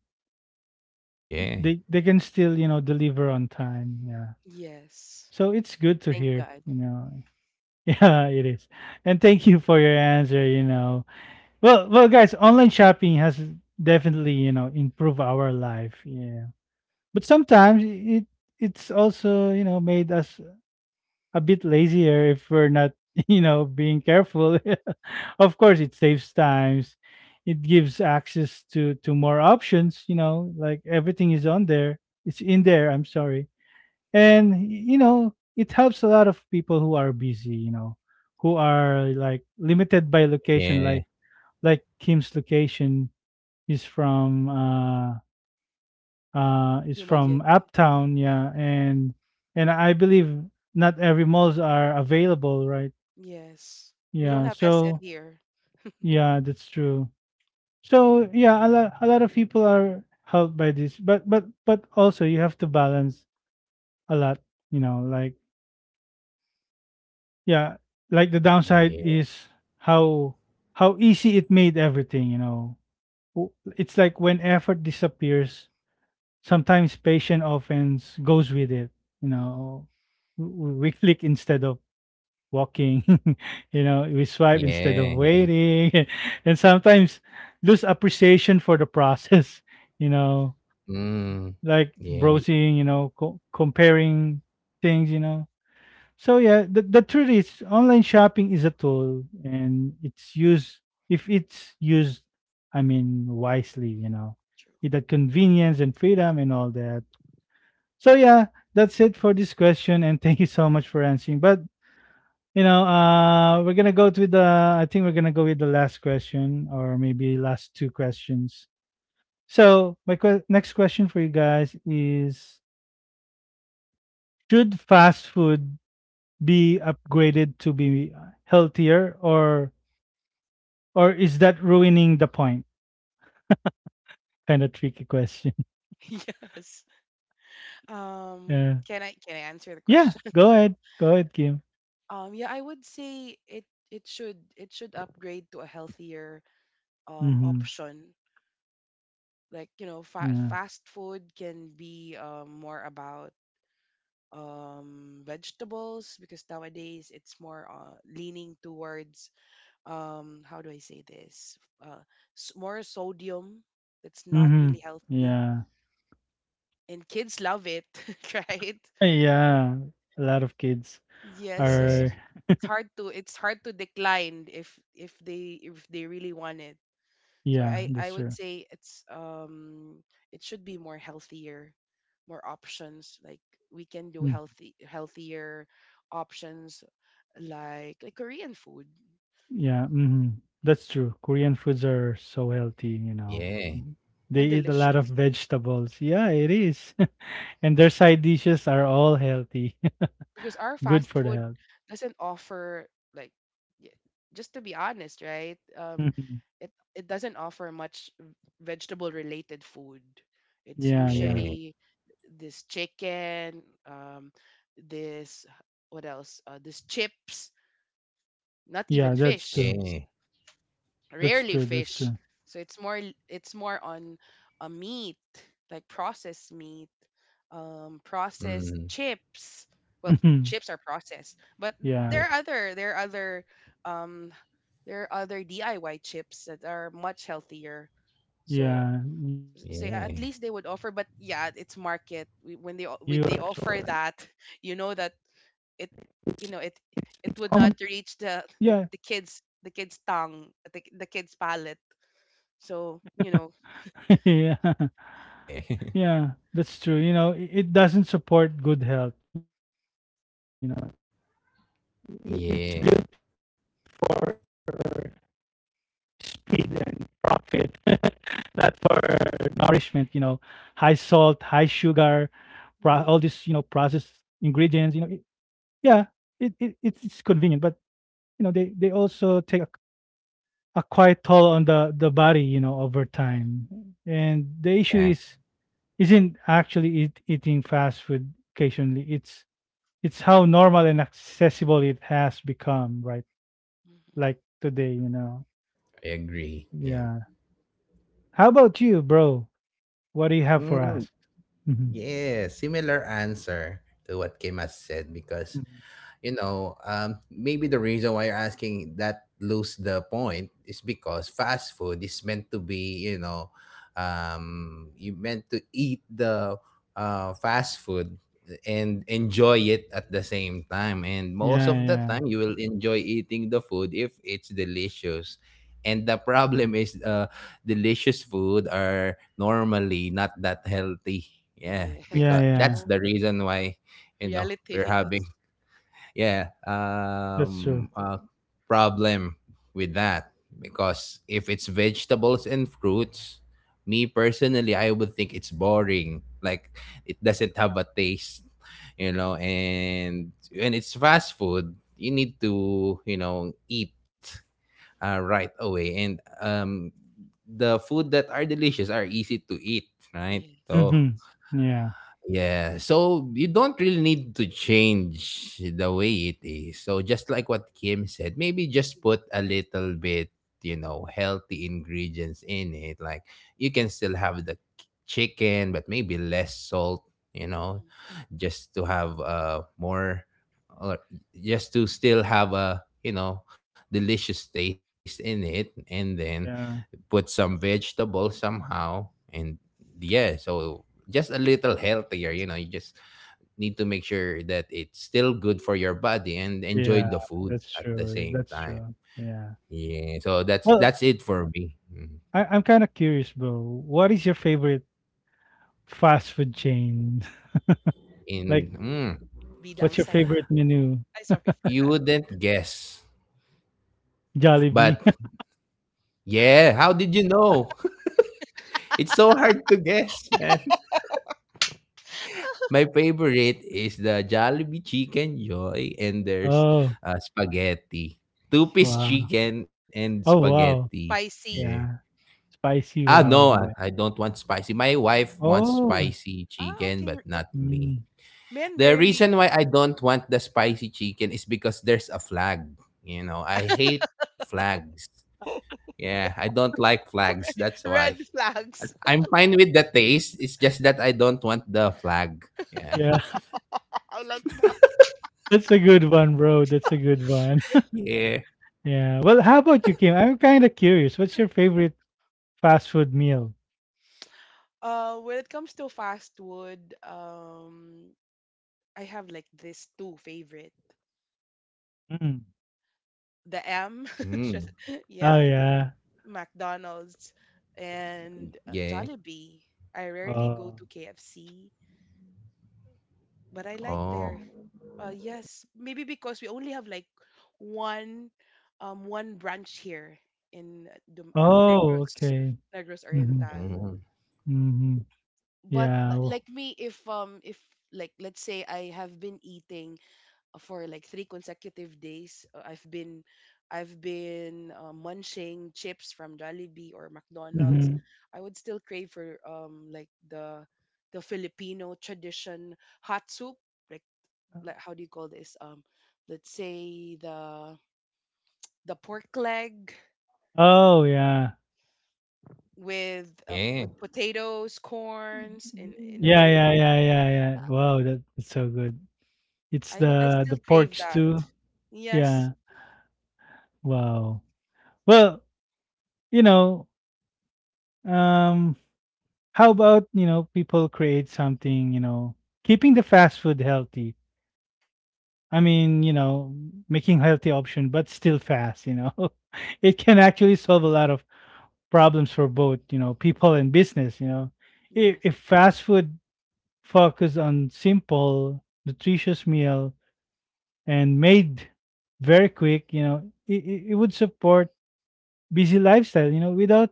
[SPEAKER 2] Yeah.
[SPEAKER 1] They they can still, you know, deliver on time. Yeah.
[SPEAKER 3] Yes,
[SPEAKER 1] So it's good to
[SPEAKER 3] thank
[SPEAKER 1] hear,
[SPEAKER 3] God.
[SPEAKER 1] you know. Yeah, it is. And thank you for your answer, you know. Well, well guys, online shopping has definitely, you know, improved our life. Yeah. But sometimes it it's also, you know, made us a bit lazier if we're not, you know, being careful. Of course, it saves times. It gives access to to more options, you know, like everything is on there. It's in there, I'm sorry. And y- you know, it helps a lot of people who are busy, you know, who are like limited by location
[SPEAKER 2] Yeah.
[SPEAKER 1] like like Kim's location is from uh uh is from
[SPEAKER 3] Dumaguete.
[SPEAKER 1] uptown, yeah, and and I believe not every malls are available, right?
[SPEAKER 3] Yes, we don't
[SPEAKER 1] Yeah,
[SPEAKER 3] have S M
[SPEAKER 1] so
[SPEAKER 3] here.
[SPEAKER 1] yeah, that's true. So yeah, a lot a lot of people are helped by this, but but but also you have to balance a lot, you know, like yeah, like the
[SPEAKER 2] Yeah.
[SPEAKER 1] downside is how how easy it made everything, you know. W- It's like when effort disappears, sometimes patient offense goes with it, you
[SPEAKER 3] Mm.
[SPEAKER 1] know. w- w- We click instead of walking. You know, we swipe
[SPEAKER 2] Yeah.
[SPEAKER 1] instead of
[SPEAKER 2] Yeah.
[SPEAKER 1] waiting, and sometimes lose appreciation for the process. You know,
[SPEAKER 2] Mm.
[SPEAKER 1] like
[SPEAKER 2] Yeah.
[SPEAKER 1] browsing, you know, co- comparing things, you know. So yeah, the, the truth is online shopping is a tool and it's used if it's used, i mean wisely, you know,
[SPEAKER 3] True.
[SPEAKER 1] it had convenience and freedom and all that. So yeah, that's it for this question, and thank you so much for answering. But you know, uh, we're gonna go to the. I think we're gonna go with the last question, or maybe last two questions. So my que- next question for you guys is: should fast food be upgraded to be healthier, or or is that ruining the point? Kind of tricky question.
[SPEAKER 3] Yes. Um,
[SPEAKER 1] Yeah.
[SPEAKER 3] can I can I answer the
[SPEAKER 1] Yeah.
[SPEAKER 3] question
[SPEAKER 1] Go
[SPEAKER 3] first?
[SPEAKER 1] ahead. Go ahead, Kim.
[SPEAKER 3] Um, yeah, I would say it it should it should upgrade to a healthier um
[SPEAKER 1] Mm-hmm.
[SPEAKER 3] option. Like, you know, fa-
[SPEAKER 1] Yeah.
[SPEAKER 3] fast food can be, um, more about um, vegetables, because nowadays it's more uh, leaning towards, um, how do I say this? Uh, s- More sodium, that's not
[SPEAKER 1] Mm-hmm.
[SPEAKER 3] really healthy,
[SPEAKER 1] Yeah.
[SPEAKER 3] and kids love it, right?
[SPEAKER 1] Yeah. A lot of kids
[SPEAKER 3] Yes,
[SPEAKER 2] Yeah.
[SPEAKER 1] are.
[SPEAKER 3] it's, it's hard to it's hard to decline if if they, if they really want it. So
[SPEAKER 1] Yeah,
[SPEAKER 3] I
[SPEAKER 1] that's
[SPEAKER 3] I would
[SPEAKER 1] true.
[SPEAKER 3] say it's um it should be more healthier, more options. Like we can do healthy, healthier options like like Korean food.
[SPEAKER 1] Yeah, mhm. That's true. Korean foods are so healthy, you know.
[SPEAKER 2] Yeah.
[SPEAKER 1] Mhm. They
[SPEAKER 3] And
[SPEAKER 1] eat a lot of
[SPEAKER 3] delicious.
[SPEAKER 1] vegetables. Yeah, it is. And their side dishes are all healthy.
[SPEAKER 3] Because our
[SPEAKER 1] Good
[SPEAKER 3] fast
[SPEAKER 1] for the
[SPEAKER 3] food
[SPEAKER 1] health.
[SPEAKER 3] doesn't offer, like, y- just to be honest, right? Um
[SPEAKER 1] Mhm.
[SPEAKER 3] it it doesn't offer much vegetable related food. It's
[SPEAKER 1] Yeah, yeah.
[SPEAKER 2] Yeah.
[SPEAKER 3] usually this chicken, um this, what else, uh, this chips, not even
[SPEAKER 1] Yeah, that's
[SPEAKER 3] fish.
[SPEAKER 1] true.
[SPEAKER 2] Yeah.
[SPEAKER 1] That's
[SPEAKER 3] Rarely
[SPEAKER 1] true. That's
[SPEAKER 3] fish.
[SPEAKER 1] true.
[SPEAKER 3] So it's more l- it's more on a meat, like processed meat, um, processed
[SPEAKER 2] Mm.
[SPEAKER 3] chips. Well,
[SPEAKER 1] Mhm.
[SPEAKER 3] chips are processed, but there
[SPEAKER 1] Yeah.
[SPEAKER 3] are
[SPEAKER 2] Yeah.
[SPEAKER 3] other, there are other um there are other D I Y chips that are much healthier. So
[SPEAKER 1] Yeah. You are so
[SPEAKER 3] say at
[SPEAKER 1] right
[SPEAKER 2] Yeah.
[SPEAKER 3] least they would
[SPEAKER 1] in
[SPEAKER 3] offer,
[SPEAKER 1] what
[SPEAKER 3] but
[SPEAKER 1] you've
[SPEAKER 3] yeah,
[SPEAKER 1] said.
[SPEAKER 3] it's
[SPEAKER 1] And, you
[SPEAKER 3] market.
[SPEAKER 1] know,
[SPEAKER 3] We- When
[SPEAKER 1] fast
[SPEAKER 3] they o-
[SPEAKER 1] food,
[SPEAKER 3] when they offer
[SPEAKER 1] yeah,
[SPEAKER 3] that, you
[SPEAKER 1] it's
[SPEAKER 3] know that
[SPEAKER 1] it's it's
[SPEAKER 3] it,
[SPEAKER 1] almost
[SPEAKER 3] you know, it it would
[SPEAKER 1] yeah,
[SPEAKER 3] not reach the the, the kids, the kids' tongue, the, the kids' palate, so, you know,
[SPEAKER 1] yeah.
[SPEAKER 2] Yeah.
[SPEAKER 1] Yeah, that's true. You know, i- it doesn't support good health, you know. I- It's built for speed
[SPEAKER 2] Yeah.
[SPEAKER 1] and profit, not for nourishment, you know. High salt, high sugar, pro- all this, you know, processed ingredients, you know.
[SPEAKER 3] mhm,
[SPEAKER 1] It, yeah, it, it it's it's convenient, but you know, they they also take a, a quite toll on the the body, you know, over
[SPEAKER 3] mhm,
[SPEAKER 1] time. And the
[SPEAKER 2] Yeah,
[SPEAKER 1] issue is isn't actually eat, eating fast food occasionally. It's it's how normal and accessible it has become, right?
[SPEAKER 3] mhm.
[SPEAKER 1] Like today, you know.
[SPEAKER 2] I agree. Yeah.
[SPEAKER 1] Yeah. How about you, bro? What do you have for
[SPEAKER 2] Mm,
[SPEAKER 1] us? Hmm.
[SPEAKER 2] yeah, similar answer to what Kim has said, because you know, um, maybe the reason why you're asking that lose the point is because fast food is meant to be, you know, um, you meant to eat the uh, fast food and enjoy it at the same time. And most
[SPEAKER 1] Yeah,
[SPEAKER 2] of the
[SPEAKER 1] yeah,
[SPEAKER 2] time, you will enjoy eating the food if it's delicious. And the problem is, uh, delicious food are normally not that healthy. Yeah,
[SPEAKER 1] yeah,
[SPEAKER 3] Yes,
[SPEAKER 2] because
[SPEAKER 1] yeah.
[SPEAKER 2] that's
[SPEAKER 3] true.
[SPEAKER 2] the reason why, you know, we're
[SPEAKER 3] Reality.
[SPEAKER 2] having
[SPEAKER 3] That's
[SPEAKER 2] yeah
[SPEAKER 1] That's true.
[SPEAKER 2] um uh, problem with that, because if it's vegetables and fruits, me personally, I would think it's boring, like it doesn't have a taste, you know. And when it's fast food, you need to, you know, eat uh, right away, and um the food that are delicious are easy to eat, right?
[SPEAKER 3] yes.
[SPEAKER 2] So
[SPEAKER 1] Hmm.
[SPEAKER 3] That's
[SPEAKER 1] Yeah,
[SPEAKER 2] yeah, so you don't really need to change the way it is. So just like what Kim said, maybe just put a little bit, you know, healthy ingredients in it. Like, you can still have the chicken, but maybe less salt, you know,
[SPEAKER 3] mhm.
[SPEAKER 2] just to have uh more, or just to still have a, you know, delicious taste in it, and then
[SPEAKER 1] yeah,
[SPEAKER 2] put some vegetables somehow, and yeah, so just a little healthier. You know, you just need to make sure that it's still good for your body and enjoy
[SPEAKER 1] yeah.
[SPEAKER 2] the food
[SPEAKER 1] That's
[SPEAKER 2] at the
[SPEAKER 1] true.
[SPEAKER 2] same
[SPEAKER 1] That's
[SPEAKER 2] time.
[SPEAKER 1] true. Yeah.
[SPEAKER 2] Yeah, so that's
[SPEAKER 1] Well,
[SPEAKER 2] that's it for me. Mhm.
[SPEAKER 1] I, I'm kind of curious, bro. What is your favorite fast food chain?
[SPEAKER 2] in
[SPEAKER 1] Like,
[SPEAKER 2] mm,
[SPEAKER 3] Bida ang
[SPEAKER 1] what's your
[SPEAKER 3] saya.
[SPEAKER 1] favorite menu?
[SPEAKER 3] Ay, sorry for
[SPEAKER 2] you
[SPEAKER 3] that.
[SPEAKER 2] wouldn't guess,
[SPEAKER 1] Jollibee.
[SPEAKER 2] but yeah, how did you know? It's so hard to guess, man. My favorite is the Jollibee Chicken Joy, and there's
[SPEAKER 1] Oh,
[SPEAKER 2] uh, spaghetti, two-piece
[SPEAKER 3] Yes.
[SPEAKER 1] wow.
[SPEAKER 2] chicken and
[SPEAKER 1] Oh, wow.
[SPEAKER 2] spaghetti. Yeah.
[SPEAKER 3] Spicy.
[SPEAKER 1] Yeah.
[SPEAKER 2] Ah,
[SPEAKER 1] Spicy
[SPEAKER 2] no,
[SPEAKER 1] wow,
[SPEAKER 2] I I
[SPEAKER 1] ba?
[SPEAKER 2] don't want spicy. My wife wants
[SPEAKER 1] Oh,
[SPEAKER 2] spicy
[SPEAKER 3] Ah,
[SPEAKER 2] chicken,
[SPEAKER 3] okay.
[SPEAKER 2] but
[SPEAKER 3] It,
[SPEAKER 2] not me.
[SPEAKER 1] mm,
[SPEAKER 3] men
[SPEAKER 2] The
[SPEAKER 3] rarely.
[SPEAKER 2] reason why I don't want the spicy chicken is because there's a flag. You know, I hate flags. Yeah, I don't like flags. That's why.
[SPEAKER 3] Red flags.
[SPEAKER 2] I'm fine with the taste. It's just that I don't want the flag. Yeah.
[SPEAKER 1] yeah.
[SPEAKER 3] I like that.
[SPEAKER 1] That's a good one, bro. That's a good one.
[SPEAKER 2] Yeah.
[SPEAKER 1] Yeah. Well, how about you, Kim? I'm kinda curious. What's your favorite fast food meal?
[SPEAKER 3] Uh, when it comes to fast food, um, I have like this two favorite.
[SPEAKER 1] Mm.
[SPEAKER 3] The M,
[SPEAKER 2] Mm,
[SPEAKER 3] just,
[SPEAKER 1] Oh,
[SPEAKER 3] yeah,
[SPEAKER 1] yeah.
[SPEAKER 3] McDonald's and,
[SPEAKER 2] yeah.
[SPEAKER 3] uh, Jollibee. I rarely go
[SPEAKER 1] Oh.
[SPEAKER 3] to K F C, but I like
[SPEAKER 2] Oh.
[SPEAKER 3] their uh yes, maybe because we only have like one um one branch here in, uh, Dum- uh, in
[SPEAKER 1] Oh,
[SPEAKER 3] Negros,
[SPEAKER 1] okay.
[SPEAKER 3] Negros
[SPEAKER 1] Mhm,
[SPEAKER 3] Oriental.
[SPEAKER 2] Mm,
[SPEAKER 1] mhm.
[SPEAKER 3] But
[SPEAKER 1] Yeah,
[SPEAKER 3] li-
[SPEAKER 1] oh
[SPEAKER 3] like me, if um if, like, let's say I have been eating for like three consecutive days, uh, I've been I've been uh, munching chips from Jollibee or McDonald's.
[SPEAKER 1] mhm.
[SPEAKER 3] I would still crave for, um like, the the Filipino tradition, hot soup, like like how do you call this, um let's say the the pork leg
[SPEAKER 1] Oh, yeah.
[SPEAKER 3] with, uh,
[SPEAKER 2] yeah.
[SPEAKER 3] with potatoes, corns, in in a
[SPEAKER 1] Yeah,
[SPEAKER 3] very
[SPEAKER 1] yeah,
[SPEAKER 3] hot.
[SPEAKER 1] yeah, yeah, yeah. Wow, that that's so good. It's
[SPEAKER 3] I w- I
[SPEAKER 1] the the
[SPEAKER 3] still
[SPEAKER 1] pork
[SPEAKER 3] crave that.
[SPEAKER 1] stew.
[SPEAKER 3] Yes.
[SPEAKER 1] Yeah. Wow. Well you know, um, how about, you know, people create something, you know, keeping the fast food healthy. I mean, you know, making healthy option, but still fast, you know. It can actually solve a lot of problems for both, you know, people and business, you know. If,
[SPEAKER 3] Yes.
[SPEAKER 1] if fast food focus on simple, nutritious meal and made very quick, you know, it, it, it would support busy lifestyle, you know, without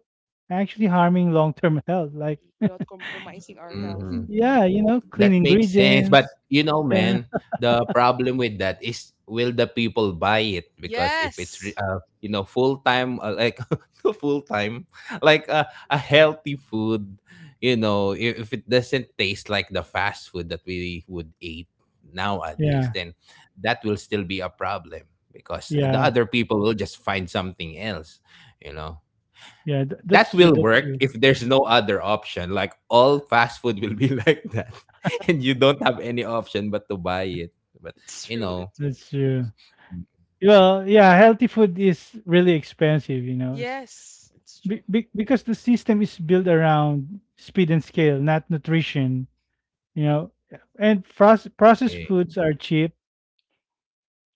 [SPEAKER 1] actually harming long-term health. Like,
[SPEAKER 3] Without compromising our health.
[SPEAKER 2] hmm
[SPEAKER 1] yeah, you know, clean
[SPEAKER 2] That makes sense. But
[SPEAKER 1] ingredients.
[SPEAKER 2] you know,
[SPEAKER 1] Yeah,
[SPEAKER 2] man, the problem with that is will the people buy it? Because if it's
[SPEAKER 3] Yes.
[SPEAKER 2] re- uh, you know, full time, uh, like full time, like uh, a healthy food, you know, if if it doesn't taste like the fast food that we would eat nowadays,
[SPEAKER 1] yeah,
[SPEAKER 2] then that will still be a problem because the
[SPEAKER 1] yeah,
[SPEAKER 2] other people will just find something else, you know.
[SPEAKER 1] yeah. Th-
[SPEAKER 2] That
[SPEAKER 1] that's true.
[SPEAKER 2] will
[SPEAKER 1] That's
[SPEAKER 2] work
[SPEAKER 1] true.
[SPEAKER 2] if there's no other option. Like all fast food will be like that, and you don't have any option but to buy it. But
[SPEAKER 3] It's
[SPEAKER 2] you
[SPEAKER 3] true.
[SPEAKER 2] know,
[SPEAKER 3] It's true.
[SPEAKER 1] That's true. Well, yeah, healthy food is really expensive, you know, s-
[SPEAKER 3] Yes. It's
[SPEAKER 1] be-
[SPEAKER 3] true.
[SPEAKER 1] be- because the system is built around speed and scale, not nutrition, you know. And proce- processed
[SPEAKER 2] yeah,
[SPEAKER 1] foods are cheap,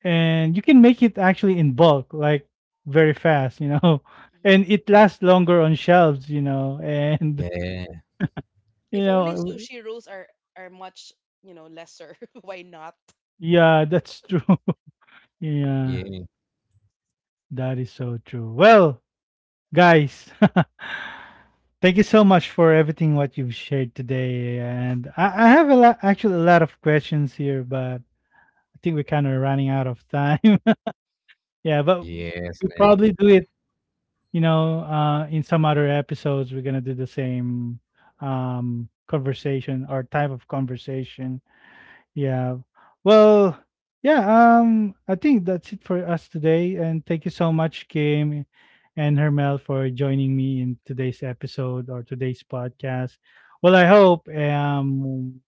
[SPEAKER 1] and you can make it actually in bulk, like very fast, you know,
[SPEAKER 3] Mhm.
[SPEAKER 1] and it lasts longer on shelves, you know, and
[SPEAKER 2] yeah,
[SPEAKER 1] you
[SPEAKER 3] If only
[SPEAKER 1] know,
[SPEAKER 3] sushi rolls are are much, you know, lesser. Why not?
[SPEAKER 1] yeah, that's true. Yeah.
[SPEAKER 2] yeah,
[SPEAKER 1] That is so true. Well, guys, thank you so much for everything what you've shared today. And I, I have a lot, actually, a lot of questions here, but I think we're kind of running out of time. Yeah, but
[SPEAKER 2] yes,
[SPEAKER 1] we
[SPEAKER 2] man.
[SPEAKER 1] probably do it. You know, uh, in some other episodes, we're gonna do the same um, conversation or type of conversation. Yeah. Well, yeah, um I think that's it for us today, and thank you so much Kim and Hermel for joining me in today's episode or today's podcast. Well, I hope um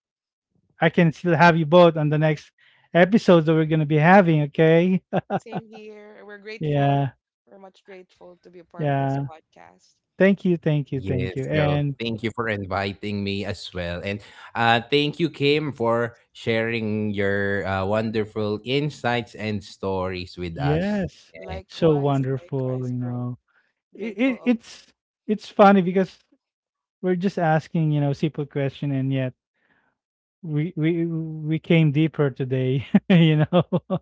[SPEAKER 1] I can still have you both on the next episodes that we're going to be having, okay?
[SPEAKER 3] Same here. We're grateful.
[SPEAKER 1] Yeah.
[SPEAKER 3] We're much grateful to be a part of this
[SPEAKER 1] Yeah.
[SPEAKER 3] podcast.
[SPEAKER 1] Thank you, thank you,
[SPEAKER 2] Yes,
[SPEAKER 1] thank you.
[SPEAKER 2] Joe.
[SPEAKER 1] And
[SPEAKER 2] Thank you for inviting me as well. And uh, thank you, Kim, for sharing your uh, wonderful insights and stories with us.
[SPEAKER 1] yes,
[SPEAKER 2] Yeah.
[SPEAKER 1] so
[SPEAKER 3] Likewise,
[SPEAKER 1] wonderful,
[SPEAKER 3] likewise,
[SPEAKER 1] you
[SPEAKER 3] bro.
[SPEAKER 1] know. It,
[SPEAKER 3] Grateful
[SPEAKER 1] it
[SPEAKER 3] also.
[SPEAKER 1] it's it's funny because we're just asking, you know, simple question, and yet we we we came deeper today, you know.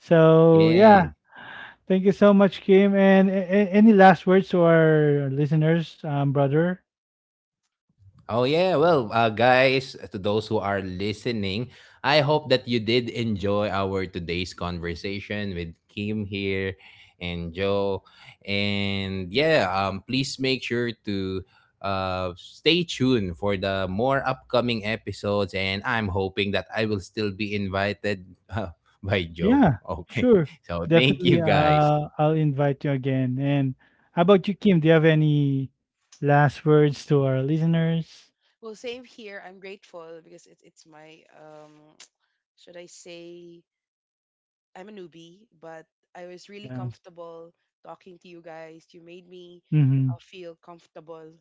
[SPEAKER 1] So
[SPEAKER 2] Yeah.
[SPEAKER 1] yeah, thank you so much, Kim. And a- a- any last words to our listeners, um, brother?
[SPEAKER 2] Oh yeah, well, uh, guys, to those who are listening, I hope that you did enjoy our today's conversation with Kim here and Joe. And yeah, um, please make sure to uh, stay tuned for the more upcoming episodes. And I'm hoping that I will still be invited by Joe.
[SPEAKER 1] Yeah,
[SPEAKER 2] Okay,
[SPEAKER 1] sure,
[SPEAKER 2] so thank
[SPEAKER 1] definitely.
[SPEAKER 2] you, guys.
[SPEAKER 1] Uh, I'll invite you again. And how about you, Kim? Do you have any last words to our listeners?
[SPEAKER 3] Well, same here. I'm grateful because it's it's my um should I say, I'm a newbie, but I was really
[SPEAKER 1] Yeah.
[SPEAKER 3] comfortable talking to you guys. You made me,
[SPEAKER 1] Mm-hmm.
[SPEAKER 3] uh, feel comfortable,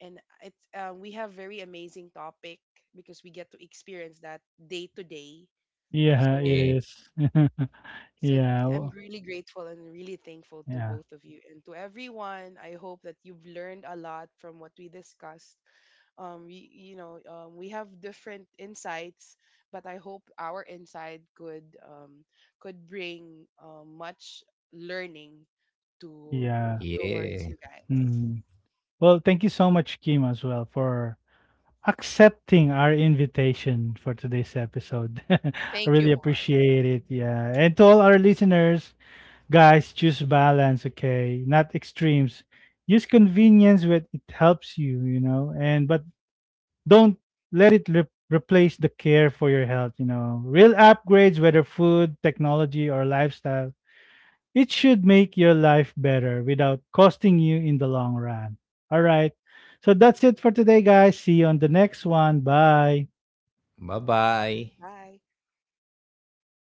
[SPEAKER 3] and it's, um, we have very amazing topic because we get to experience that day to day.
[SPEAKER 1] Yeah,
[SPEAKER 3] So
[SPEAKER 1] it
[SPEAKER 2] Yeah,
[SPEAKER 1] is.
[SPEAKER 3] so
[SPEAKER 1] Yeah.
[SPEAKER 3] th- I'm
[SPEAKER 1] w-
[SPEAKER 3] really grateful and really thankful to
[SPEAKER 1] Yeah.
[SPEAKER 3] both of you and to everyone. I hope that you've learned a lot from what we discussed. Um we, you know, um, we have different insights, but I hope our insight could um could bring, um, much learning to
[SPEAKER 1] Yeah.
[SPEAKER 2] yeah.
[SPEAKER 3] towards you guys.
[SPEAKER 1] Mm. Well, thank you so much, Kim, as well for accepting our invitation for today's episode. I
[SPEAKER 3] Thank you
[SPEAKER 1] really
[SPEAKER 3] more.
[SPEAKER 1] appreciate it. Yeah. And to all our listeners, guys, choose balance, okay? Not extremes. Use convenience when it helps you, you know, and but don't let it re- replace the care for your health, you know. Real upgrades, whether food, technology, or lifestyle, it should make your life better without costing you in the long run. All right. So that's it for today, guys. See you on the next one. Bye.
[SPEAKER 2] Bye bye.
[SPEAKER 3] Bye.